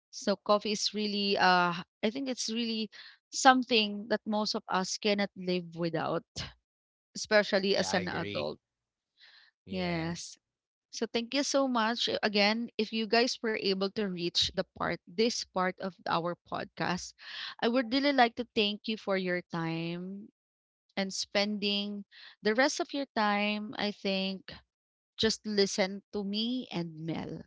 [SPEAKER 1] So coffee is really, I think it's really something that most of us cannot live without, especially
[SPEAKER 2] Yeah,
[SPEAKER 1] as
[SPEAKER 2] I
[SPEAKER 1] an
[SPEAKER 2] agree.
[SPEAKER 1] adult.
[SPEAKER 2] Yeah.
[SPEAKER 1] Yes. So thank you so much. Again, if you guys were able to reach the part, this part of our podcast, I would really like to thank you for your time and spending the rest of your time, I think, just listen to me and Mel.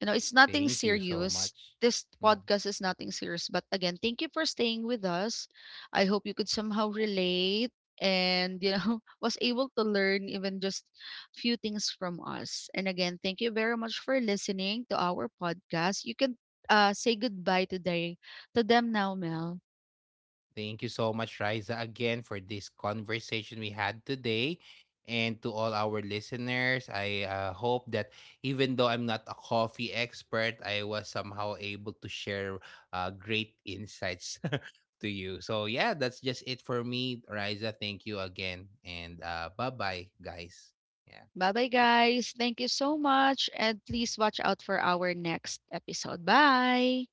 [SPEAKER 1] You know, it's nothing
[SPEAKER 2] Thank you so
[SPEAKER 1] serious.
[SPEAKER 2] much.
[SPEAKER 1] This
[SPEAKER 2] Hmm.
[SPEAKER 1] podcast is nothing serious. But again, thank you for staying with us. I hope you could somehow relate and you know was able to learn even just few things from us, and again thank you very much for listening to our podcast. You can say goodbye today to them now, Mel.
[SPEAKER 2] Thank you so much, Riza, again for this conversation we had today. And to all our listeners, I hope that even though I'm not a coffee expert, I was somehow able to share great insights to you. So, yeah, that's just it for me, Riza. Thank you again. And bye bye, guys. Yeah.
[SPEAKER 1] Bye-bye, guys. Thank you so much. And please watch out for our next episode. Bye.